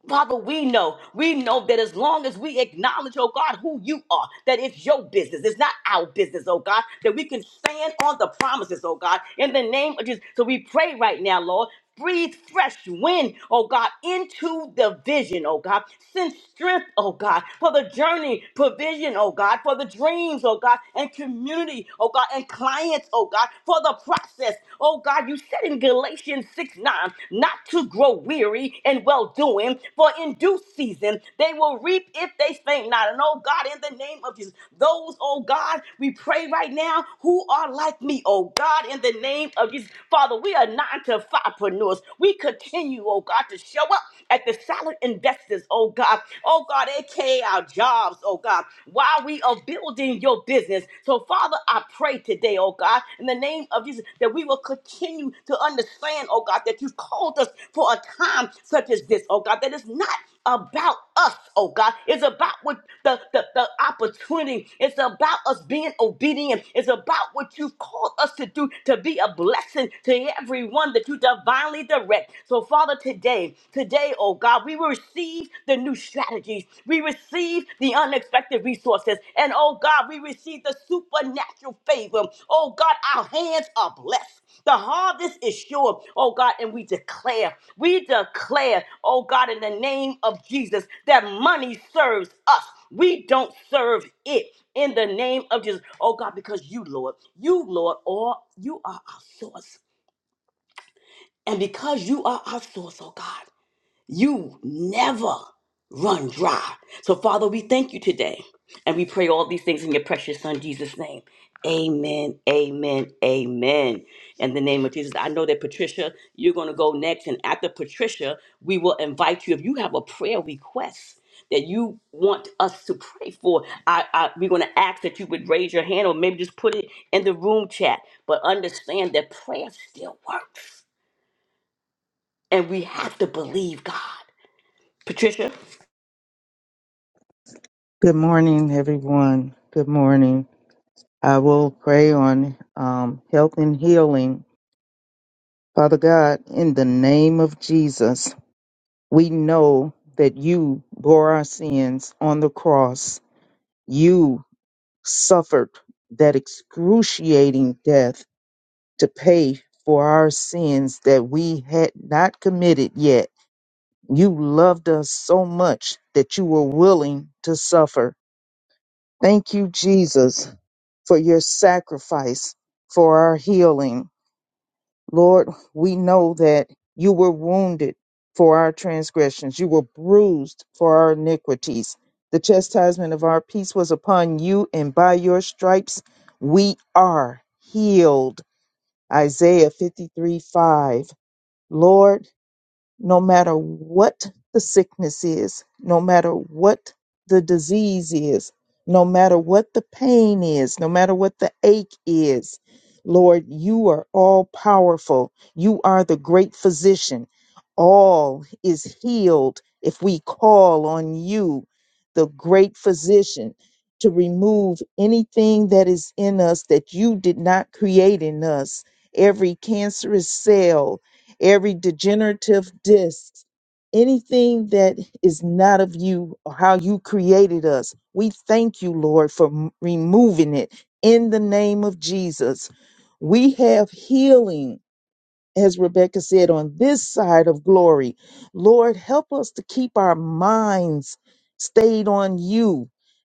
S1: Father, we know, we know that as long as we acknowledge, oh God, who you are, that it's your business, it's not our business, oh God, that we can stand on the promises, oh God, in the name of Jesus. So we pray right now, Lord. Breathe fresh wind, oh God, into the vision, oh God. Send strength, oh God, for the journey, provision, oh God, for the dreams, oh God, and community, oh God, and clients, oh God, for the process, oh oh God, you said in Galatians 6 9, not to grow weary in well doing, for in due season they will reap if they faint not. And oh God, in the name of Jesus, those, oh God, we pray right now who are like me, oh God, in the name of Jesus. Father, we are nine to fivepreneurs. We continue, oh God, to show up at the silent investors, oh God, oh God, aka our jobs, oh God, while we are building building your business. So, Father, I pray today, oh God, in the name of Jesus, that we will continue to understand, oh God, that you've called us for a time such as this, oh God, that it's not about us, oh God. It's about what the, the, the opportunity. It's about us being obedient. It's about what you've called us to do to be a blessing to everyone that you divinely direct. So, Father, today, today, oh God, we will receive the new strategies. We receive the unexpected resources. And oh God, we receive the supernatural favor. Oh God, our hands are blessed. The harvest is sure. Oh God, and we declare, we declare, oh God, in the name of Jesus, that money serves us. We don't serve it in the name of Jesus. Oh God, because you, Lord, you, Lord, or you are our source. And because you are our source, oh God. You never run dry. So, Father, we thank you today. And we pray all these things in your precious Son, Jesus' name. Amen, amen, amen. In the name of Jesus, I know that Patricia, you're going to go next. And after Patricia, we will invite you. If you have a prayer request that you want us to pray for, I, I, we're going to ask that you would raise your hand or maybe just put it in the room chat. But understand that prayer still works. And we have to believe God. Patricia?
S10: Good morning, everyone. Good morning. I will pray on um, health and healing. Father God, in the name of Jesus, we know that you bore our sins on the cross. You suffered that excruciating death to pay for our sins that we had not committed yet. You loved us so much that you were willing to suffer. Thank you, Jesus, for your sacrifice for our healing. Lord, we know that you were wounded for our transgressions, you were bruised for our iniquities. The chastisement of our peace was upon you, and by your stripes we are healed. Isaiah 53 5. Lord, no matter what the sickness is, no matter what the disease is, no matter what the pain is, no matter what the ache is. Lord, you are all powerful. You are the great physician. All is healed if we call on you, the great physician, to remove anything that is in us that you did not create in us, every cancerous cell, every degenerative disc, anything that is not of you or how you created us. We thank you, Lord, for m- removing it in the name of Jesus. We have healing, as Rebecca said, on this side of glory. Lord, help us to keep our minds stayed on you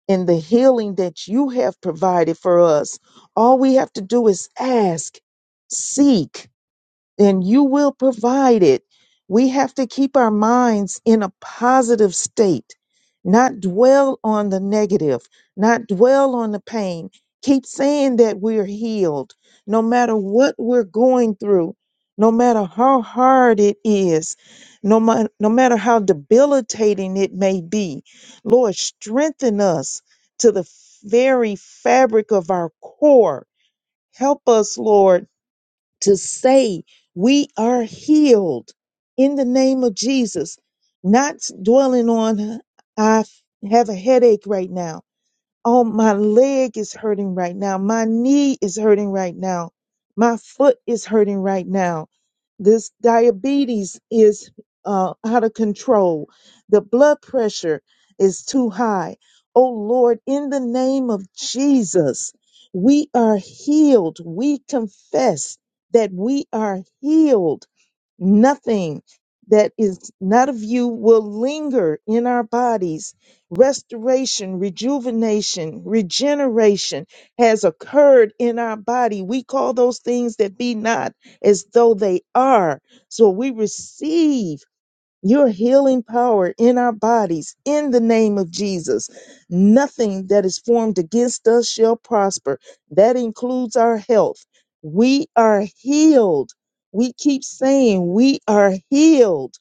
S10: and the healing that you have provided for us. All we have to do is ask, seek, and you will provide it. We have to keep our minds in a positive state, not dwell on the negative, not dwell on the pain. Keep saying that we're healed no matter what we're going through, no matter how hard it is, no, ma- no matter how debilitating it may be. Lord, strengthen us to the very fabric of our core. Help us, Lord to say we are healed in the name of Jesus, not dwelling on I have a headache right now. Oh, my leg is hurting right now. My knee is hurting right now. My foot is hurting right now. This diabetes is uh, out of control. The blood pressure is too high. Oh, Lord, in the name of Jesus, we are healed. We confess that we are healed Nothing that is not of you will linger in our bodies. Restoration, rejuvenation, regeneration has occurred in our body. We call those things that be not as though they are. So we receive your healing power in our bodies in the name of Jesus. Nothing that is formed against us shall prosper. That includes our health. We are healed. We keep saying we are healed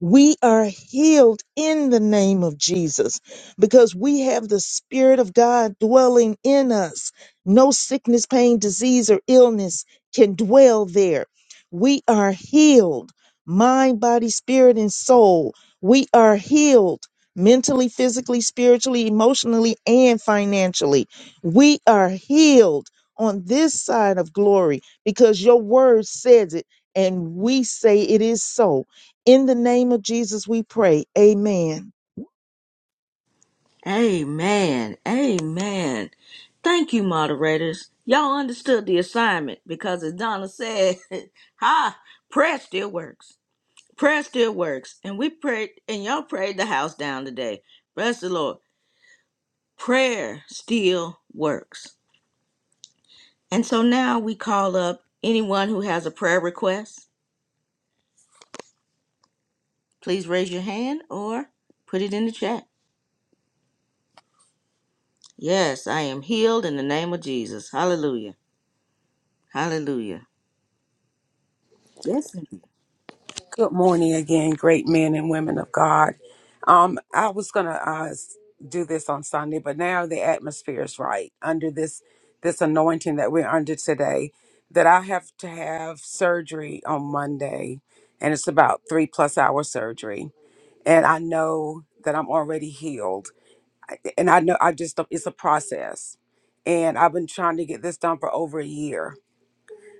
S10: we are healed in the name of Jesus because we have the Spirit of God dwelling in us. No sickness, pain, disease, or illness can dwell there. We are healed, mind, body, spirit, and soul. We are healed mentally, physically, spiritually, emotionally, and financially. We are healed on this side of glory because your word says it, and we say it is so. In the name of Jesus, we pray. Amen.
S3: Amen. Amen. Thank you, moderators. Y'all understood the assignment because, as Donna said, ha, prayer still works. Prayer still works. And we prayed, and y'all prayed the house down today. Bless the Lord. Prayer still works. And so now we call up anyone who has a prayer request. Please raise your hand or put it in the chat. Yes, I am healed in the name of Jesus. Hallelujah. Hallelujah. Yes,
S4: Good morning again, great men and women of God. Um, I was gonna uh, s- do this on Sunday, but now the atmosphere is right under this this anointing that we're under today. That I have to have surgery on Monday, and it's about three plus hour surgery, and I know that I'm already healed, and I know I just it's a process, and I've been trying to get this done for over a year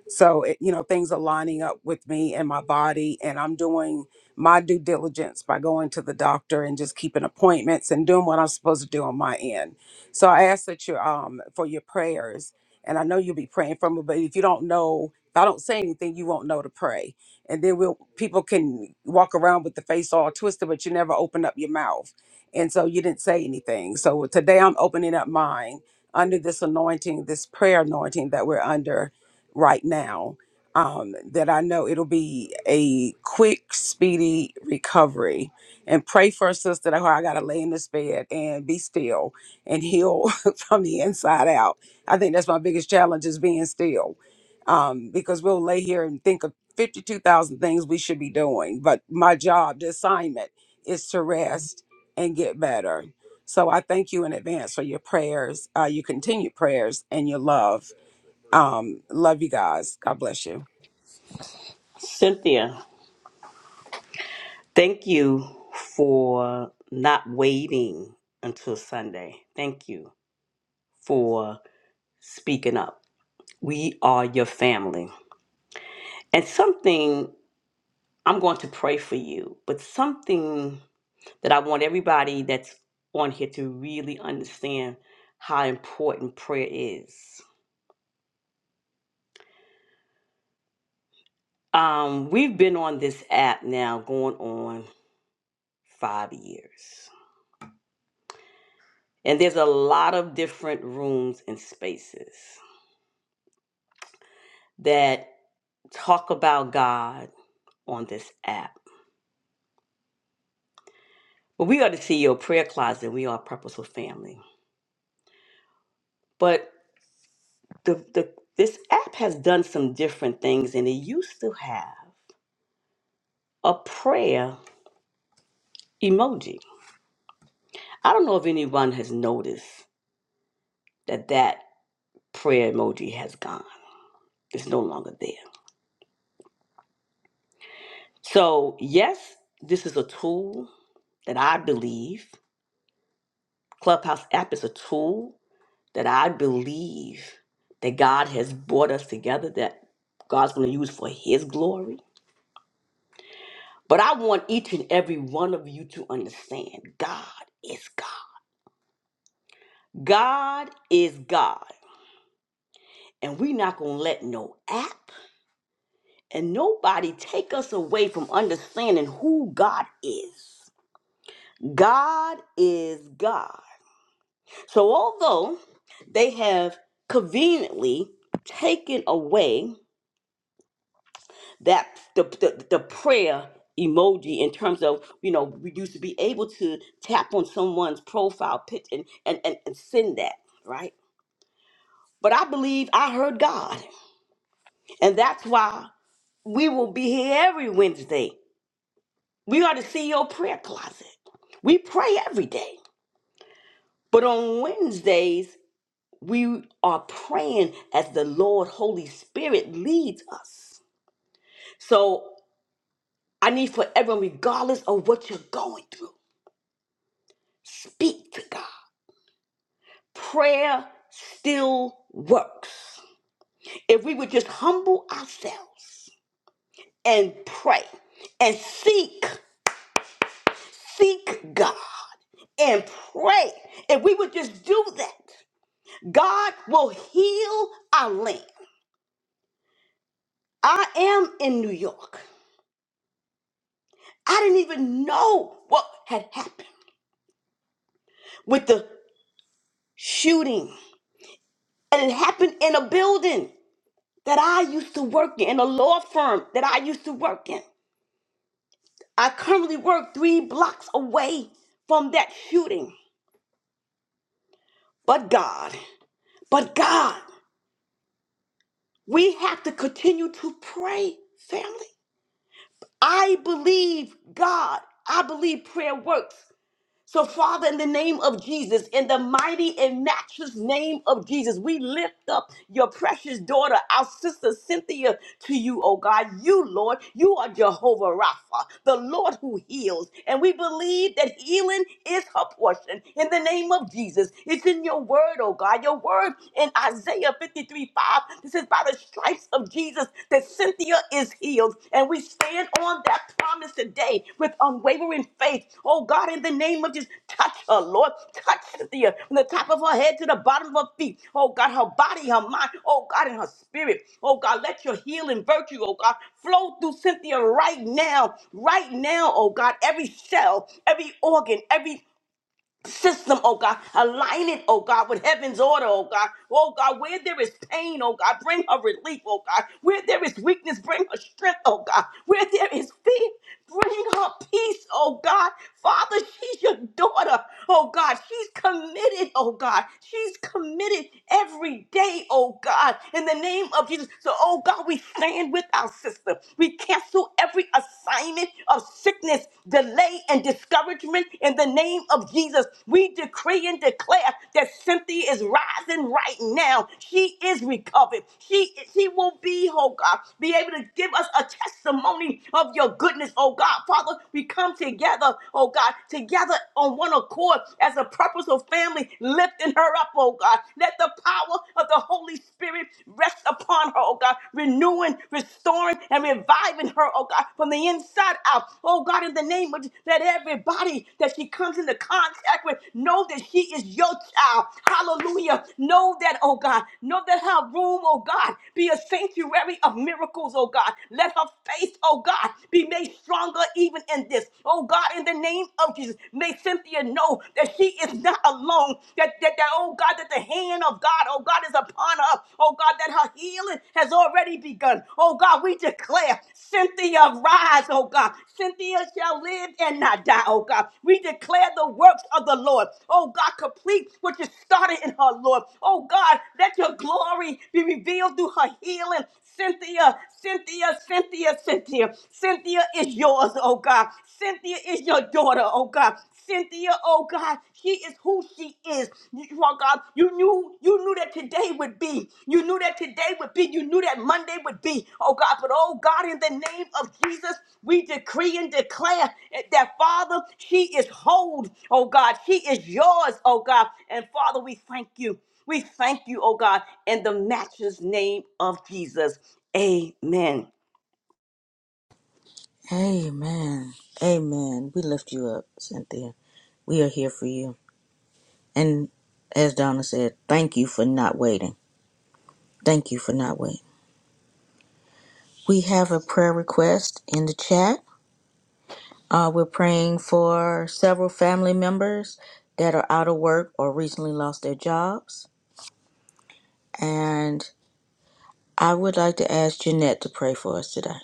S4: so, it, you know, things are lining up with me and my body, and I'm doing my due diligence by going to the doctor and just keeping appointments and doing what I'm supposed to do on my end. So I ask that you um for your prayers, and I know you'll be praying for me. But if you don't know, if I don't say anything, you won't know to pray, and then we'll people can walk around with the face all twisted, but you never open up your mouth, and so you didn't say anything. So today I'm opening up mine under this anointing, this prayer anointing that we're under right now. Um, that I know it'll be a quick, speedy recovery. And pray for a sister that "Hey, I got to lay in this bed and be still and heal from the inside out. I think that's my biggest challenge is being still um, because we'll lay here and think of 52,000 things we should be doing. But my job, the assignment, is to rest and get better. So I thank you in advance for your prayers, uh, your continued prayers, and your love. Um, love you guys. God bless you.
S1: Cynthia, thank you for not waiting until Sunday. Thank you for speaking up. We are your family. And something I'm going to pray for you, but something that I want everybody that's on here to really understand how important prayer is. Um, we've been on this app now going on five years. And there's a lot of different rooms and spaces. that talk about God on this app. Well, we are the CEO of Prayer Closet. We are a purposeful family. But the, the this app has done some different things, and it used to have a prayer emoji. I don't know if anyone has noticed that that prayer emoji has gone. It's no longer there. So yes, this is a tool that I believe Clubhouse app is a tool that I believe that God has brought us together, that God's going to use for His glory. But I want each and every one of you to understand God is God. God is God. And we're not going to let no app and nobody take us away from understanding who God is. God is God. So although they have conveniently taken away that the, the the prayer emoji in terms of you know we used to be able to tap on someone's profile pitch and and, and and send that right but i believe i heard god and that's why we will be here every wednesday we are the ceo prayer closet we pray every day but on wednesdays we are praying as the lord holy spirit leads us so i need for everyone regardless of what you're going through Speak to God. Prayer still works. If we would just humble ourselves and pray and seek, seek God and pray. If we would just do that, God will heal our land. I am in New York. I didn't even know what had happened with the shooting. And it happened in a building that I used to work in, a law firm that I used to work in. I currently work three blocks away from that shooting. But God, but God, we have to continue to pray, family. I believe God. I believe prayer works. So, Father, in the name of Jesus, in the mighty and matchless name of Jesus, we lift up your precious daughter, our sister Cynthia, to you, oh God. You, Lord, you are Jehovah Rapha, the Lord who heals. And we believe that healing is her portion in the name of Jesus. It's in your word, oh God. Your word in Isaiah 53 5, this is by the stripes of of Jesus that Cynthia is healed. And we stand on that promise today with unwavering faith. Oh God, in the name of Jesus, touch her, Lord. Touch Cynthia from the top of her head to the bottom of her feet. Oh God, her body, her mind. Oh God, and her spirit. Oh God, let your healing virtue, oh God, flow through Cynthia right now. Right now, oh God, every cell, every organ, every system, oh God. Align it, oh God, with heaven's order, oh God. Oh God, where there is pain, oh God, bring her relief, oh God. Where there is weakness, bring her strength, oh God. Where there is fear, bring her peace, oh God. Father, she's your daughter, oh God. She's committed, oh God committed every day, oh God, in the name of Jesus. So, oh God, we stand with our sister. We cancel every assignment of sickness, delay, and discouragement in the name of Jesus. We decree and declare that Cynthia is rising right now. She is recovered. She, she will be, oh God, be able to give us a testimony of your goodness, oh God. Father, we come together, oh God, together on one accord as a has a purposeful family lifting her up, oh God. Let the power of the Holy Spirit rest upon her, oh God, renewing, restoring, and reviving her, oh God, from the inside out. Oh God, in the name of Jesus, let everybody that she comes into contact with know that she is your child. Hallelujah. Know that, oh God. Know that her room, oh God, be a sanctuary of miracles, oh God. Let her faith, oh God, be made stronger even in this. Oh God, in the name name of Jesus. May Cynthia know that she is not alone. That, that, that, oh God, that the hand of God, oh God, is upon her. Oh God, that her healing has already begun. Oh God, we declare Cynthia rise, oh God. Cynthia shall live and not die, oh God. We declare the works of the Lord. Oh God, complete what you started in her, Lord. Oh God, let your glory be revealed through her healing. Cynthia, Cynthia, Cynthia, Cynthia. Cynthia is yours, oh God. Cynthia is your daughter, oh God. Cynthia, oh God, she is who she is. You, oh God, you knew you knew that today would be. You knew that today would be. You knew that Monday would be. Oh God, but oh God, in the name of Jesus, we decree and declare that Father, she is whole. Oh God, she is yours, oh God. And Father, we thank you. We thank you, oh God, in the matchless name of Jesus. Amen.
S3: Amen. Amen. We lift you up, Cynthia. We are here for you. And as Donna said, thank you for not waiting. Thank you for not waiting. We have a prayer request in the chat. Uh, we're praying for several family members that are out of work or recently lost their jobs. And I would like to ask Jeanette to pray for us today,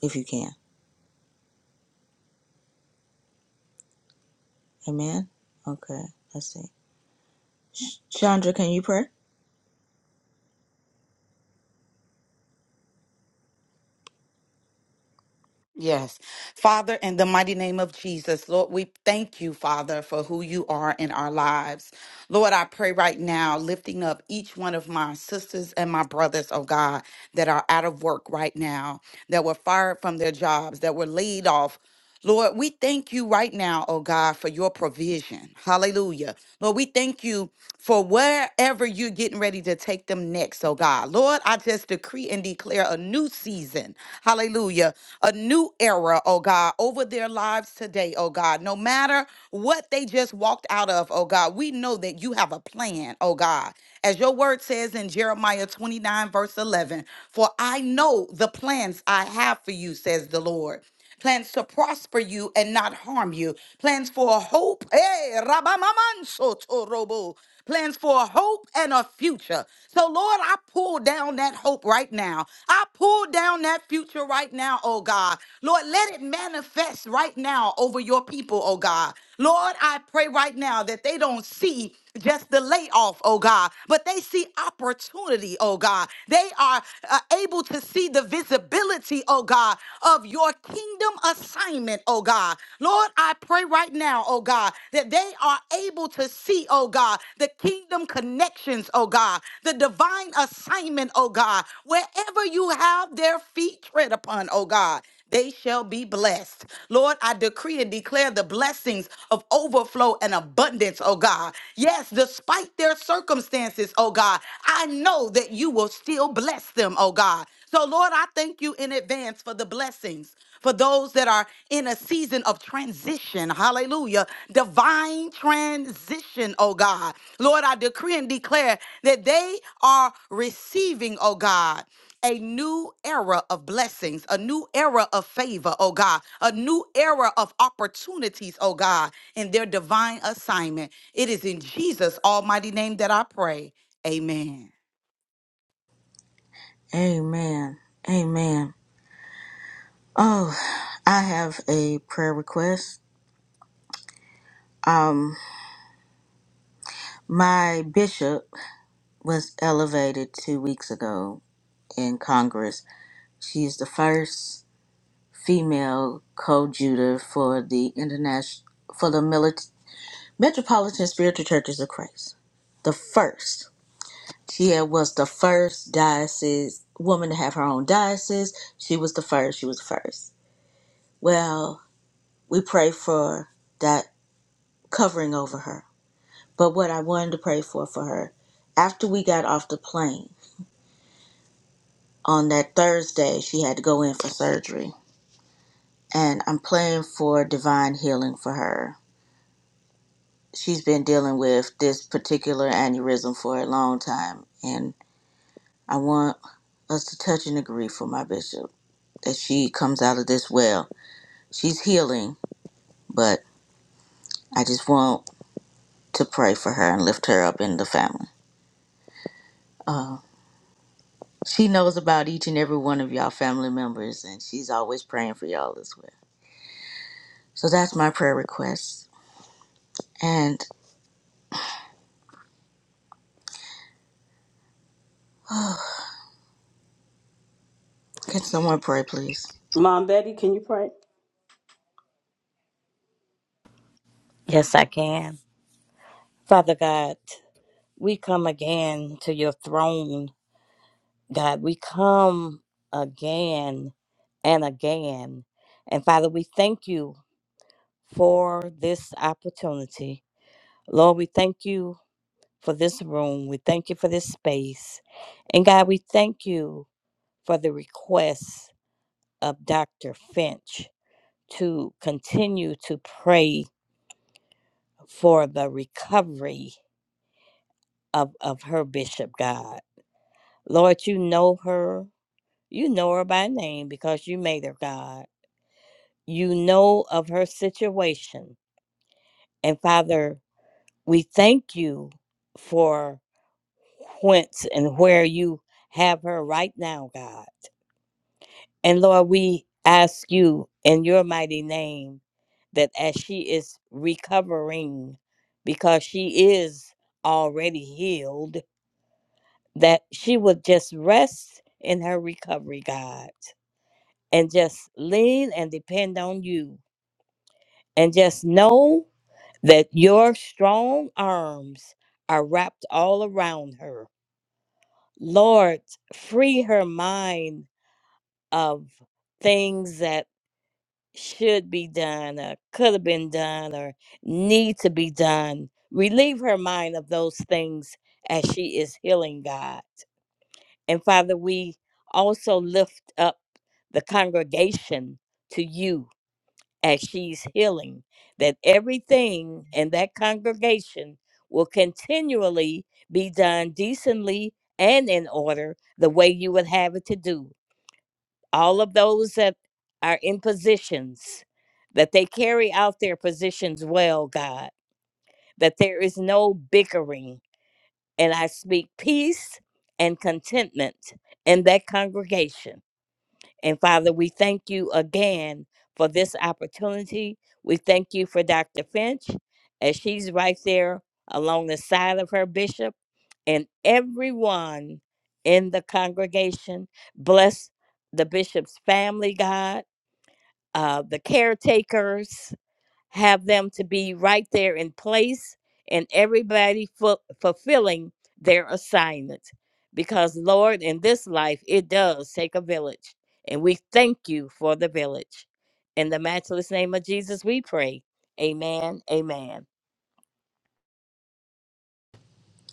S3: if you can. Amen. Okay. Let's see. Chandra, can you pray?
S2: Yes. Father, in the mighty name of Jesus, Lord, we thank you, Father, for who you are in our lives. Lord, I pray right now, lifting up each one of my sisters and my brothers, oh God, that are out of work right now, that were fired from their jobs, that were laid off, Lord, we thank you right now, oh God, for your provision. Hallelujah. Lord, we thank you for wherever you're getting ready to take them next, oh God. Lord, I just decree and declare a new season. Hallelujah. A new era, oh God, over their lives today, oh God. No matter what they just walked out of, oh God, we know that you have a plan, oh God. As your word says in Jeremiah 29, verse 11, for I know the plans I have for you, says the Lord plans to prosper you and not harm you, plans for hope, eh, rabamamanso torobo, plans for a hope and a future. So, Lord, I pull down that hope right now. I pull down that future right now, oh God. Lord, let it manifest right now over your people, oh God. Lord, I pray right now that they don't see just the layoff, oh God, but they see opportunity, oh God. They are uh, able to see the visibility, oh God, of your kingdom assignment, oh God. Lord, I pray right now, oh God, that they are able to see, oh God, the kingdom connections, oh God, the divine assignment, oh God, wherever you have their feet tread upon, oh God they shall be blessed. Lord, I decree and declare the blessings of overflow and abundance, oh God. Yes, despite their circumstances, oh God, I know that you will still bless them, oh God. So, Lord, I thank you in advance for the blessings for those that are in a season of transition. Hallelujah. Divine transition, oh God. Lord, I decree and declare that they are receiving, oh God a new era of blessings, a new era of favor, oh God, a new era of opportunities, oh God, in their divine assignment. It is in Jesus' almighty name that I pray. Amen.
S3: Amen. Amen. Oh, I have a prayer request. Um, my bishop was elevated two weeks ago in Congress. She's the first female co-judah for the international for the Milit- Metropolitan Spiritual Churches of Christ. The first. She had- was the first diocese woman to have her own diocese. She was the first. She was the first. Well, we pray for that covering over her But what I wanted to pray for for her, after we got off the plane on that Thursday, she had to go in for surgery. And I'm praying for divine healing for her. She's been dealing with this particular aneurysm for a long time. And I want us to touch and agree for my bishop that she comes out of this well. She's healing, but I just want to pray for her and lift her up in the family. Uh, She knows about each and every one of y'all family members, and she's always praying for y'all as well. So that's my prayer request. And can someone pray, please?
S1: Mom Betty, can you pray?
S5: Yes, I can. Father God, we come again to your throne. God, we come again and again. And Father, we thank you for this opportunity. Lord, we thank you for this room. We thank you for this space. And God, we thank you for the request of Dr. Finch to continue to pray for the recovery of, of her bishop, God. Lord, you know her. You know her by name because you made her God. You know of her situation. And Father, we thank you for whence and where you have her right now, God. And Lord, we ask you in your mighty name that as she is recovering, because she is already healed, that she would just rest in her recovery, God, and just lean and depend on you and just know that your strong arms are wrapped all around her. Lord, free her mind of things that should be done or could have been done or need to be done. Relieve her mind of those things as she is healing, God. And Father, we also lift up the congregation to you as she's healing, that everything in that congregation will continually be done decently and in order the way you would have it to do. All of those that are in positions, that they carry out their positions well, God, that there is no bickering. And I speak peace and contentment in that congregation and Father, we thank you again for this opportunity. We thank you for Dr. Finch as she's right there along the side of her bishop and everyone in the congregation. Bless the bishop's family, God, uh, the caretakers have them to be right there in place and everybody fu- fulfilling their assignment. Because, Lord, in this life, it does take a village. And we thank you for the village. In the matchless name of Jesus, we pray. Amen. Amen.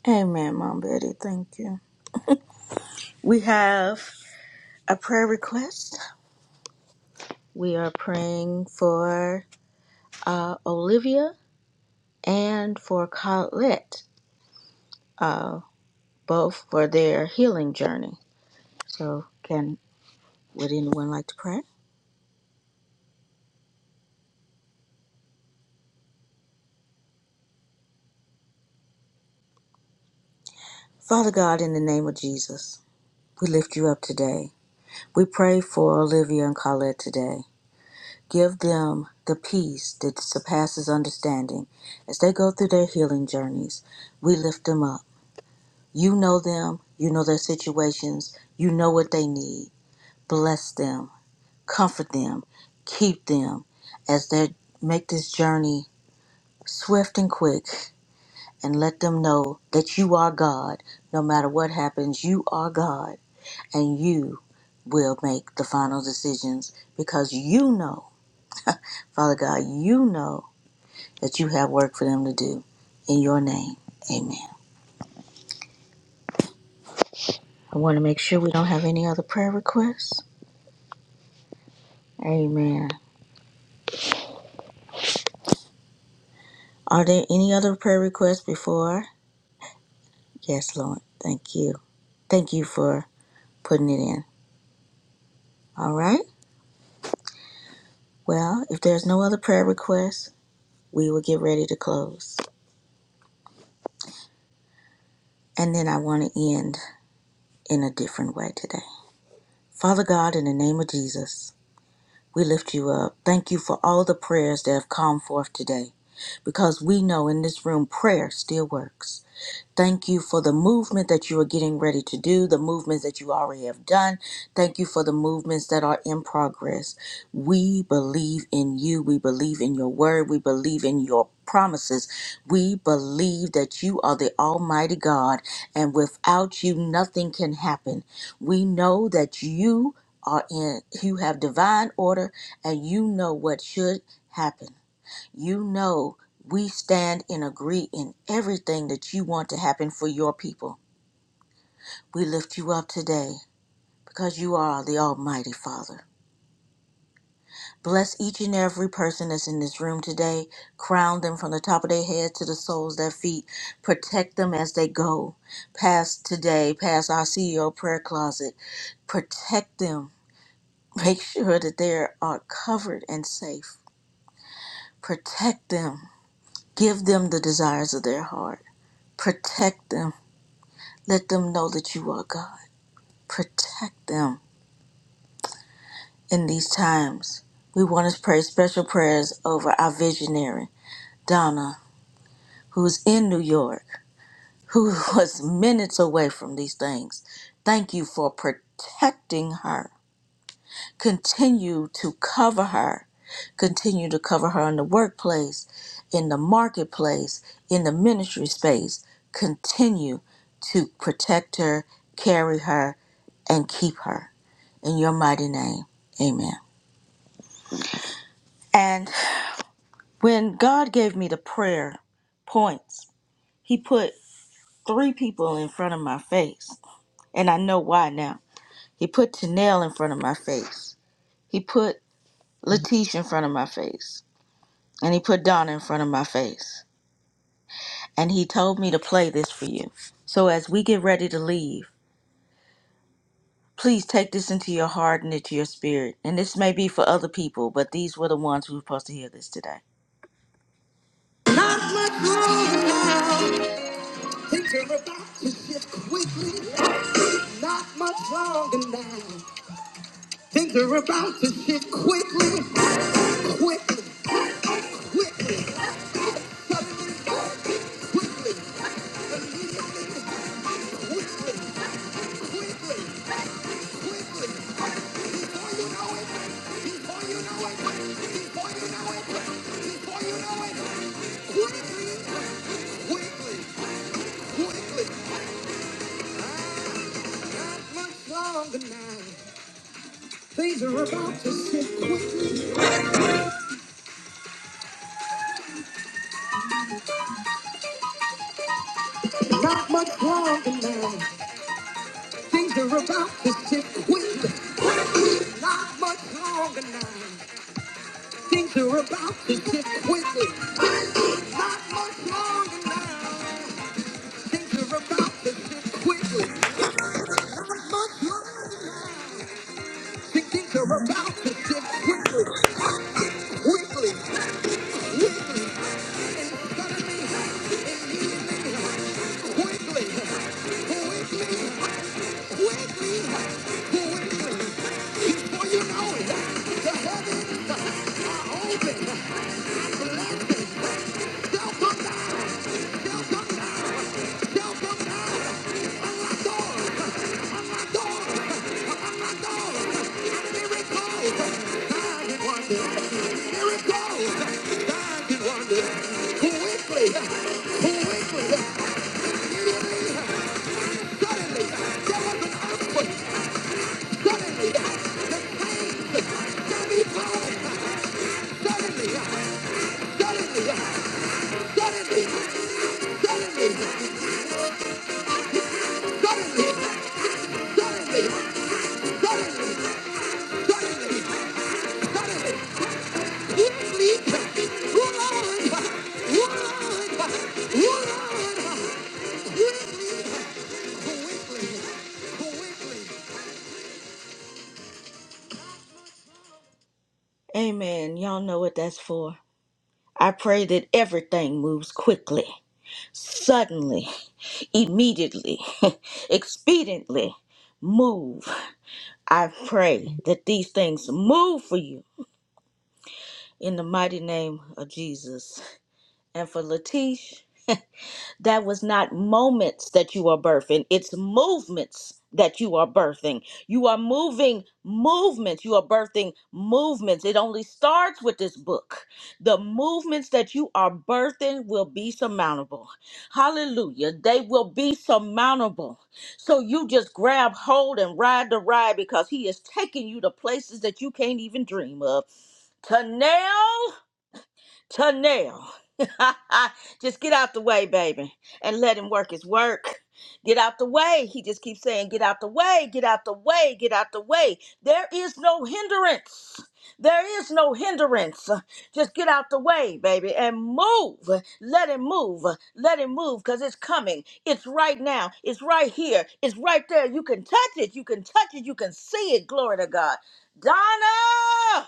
S3: Amen, Mom Betty. Thank you. We have a prayer request. We are praying for uh, Olivia and for Colette, uh, both for their healing journey. So, can would anyone like to pray? Father God, in the name of Jesus, we lift you up today. We pray for Olivia and Colette today. Give them the peace that surpasses understanding as they go through their healing journeys. We lift them up. You know them, you know their situations, you know what they need. Bless them, comfort them, keep them as they make this journey swift and quick, and let them know that you are God. No matter what happens, you are God, and you will make the final decisions because you know. Father God, you know that you have work for them to do. In your name, amen. I want to make sure we don't have any other prayer requests. Amen. Are there any other prayer requests before? Yes, Lord. Thank you. Thank you for putting it in. All right. Well, if there's no other prayer requests, we will get ready to close. And then I want to end in a different way today. Father God, in the name of Jesus, we lift you up. Thank you for all the prayers that have come forth today. because we know in this room prayer still works. Thank you for the movement that you are getting ready to do, the movements that you already have done. Thank you for the movements that are in progress. We believe in you. We believe in your word. We believe in your promises. We believe that you are the Almighty God, and without you, nothing can happen. We know that you are in, you have divine order, and you know what should happen. You know, we stand and agree in everything that you want to happen for your people. We lift you up today because you are the Almighty Father. Bless each and every person that's in this room today. Crown them from the top of their head to the soles of their feet. Protect them as they go. Past today, past our CEO prayer closet. Protect them. Make sure that they are covered and safe. Protect them. Give them the desires of their heart. Protect them Let them know that you are God. Protect them in these times. We want to pray special prayers over our visionary, Donna, who's in New York, who was minutes away from these things. Thank you for protecting her. Continue to cover her. Continue to cover her in the workplace, in the marketplace, in the ministry space. Continue to protect her, carry her, and keep her. in your mighty name. Amen. And when God gave me the prayer points, He put three people in front of my face. And I know why now. He put Tanel in front of my face. He put Letitia in front of my face. And he put Donna in front of my face. And he told me to play this for you. So as we get ready to leave, please take this into your heart and into your spirit. And this may be for other people, but these were the ones who were supposed to hear this today. Not much longer. Things are about to shift quickly, not much longer now. Things are about to shift quickly, quickly, quickly. Suddenly, quickly, immediately, quickly, quickly, quickly. Before you know it, before you know it, before you know it, before you know it, quickly, quickly, quickly, much longer now. Things are about to shift Not much longer now. Things are about to shift quickly. Not much longer now. Things are about to shift quickly. Things are about to shift quickly. Not much longer. Things are about to shift quickly. Quickly. Quickly. And suddenly, immediately, quickly. Quickly. Quickly. Quickly. Before you know it, the heavens are open. Quickly, quickly, immediately, suddenly, there was an earthquake. Suddenly, the flames Suddenly, suddenly, suddenly, suddenly, suddenly, Amen. Y'all know what that's for. I pray that everything moves quickly, suddenly, immediately, expediently. Move. I pray that these things move for you in the mighty name of Jesus. And for Latish, that was not moments that you are birthing it's movements that you are birthing you are moving movements you are birthing movements it only starts with this book the movements that you are birthing will be surmountable hallelujah they will be surmountable so you just grab hold and ride the ride because he is taking you to places that you can't even dream of to nail to now. just get out the way, baby, and let him work his work. Get out the way. He just keeps saying, Get out the way, get out the way, get out the way. There is no hindrance. There is no hindrance. Just get out the way, baby, and move. Let him move. Let him move because it's coming. It's right now. It's right here. It's right there. You can touch it. You can touch it. You can see it. Glory to God. Donna!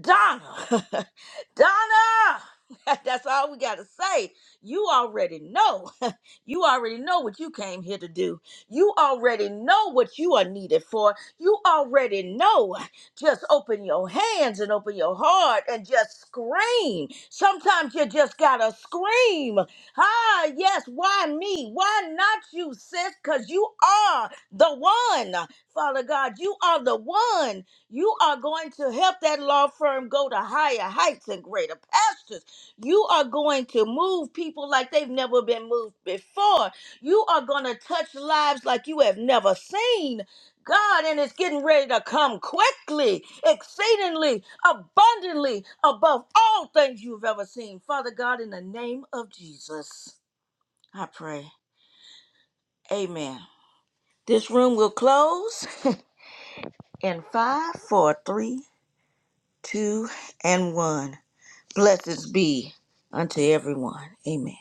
S3: Donna, Donna, that's all we got to say. You already know. You already know what you came here to do. You already know what you are needed for. You already know. Just open your hands and open your heart and just scream. Sometimes you just gotta scream. Ah, yes, why me? Why not you, sis? Because you are the one. Father God, you are the one. You are going to help that law firm go to higher heights and greater pastures you are going to move people like they've never been moved before. You are going to touch lives like you have never seen. God, and it's getting ready to come quickly, exceedingly, abundantly, above all things you've ever seen. Father God, in the name of Jesus, I pray. Amen. This room will close in five, four, three, two, and one. Blessings be unto everyone. Amen.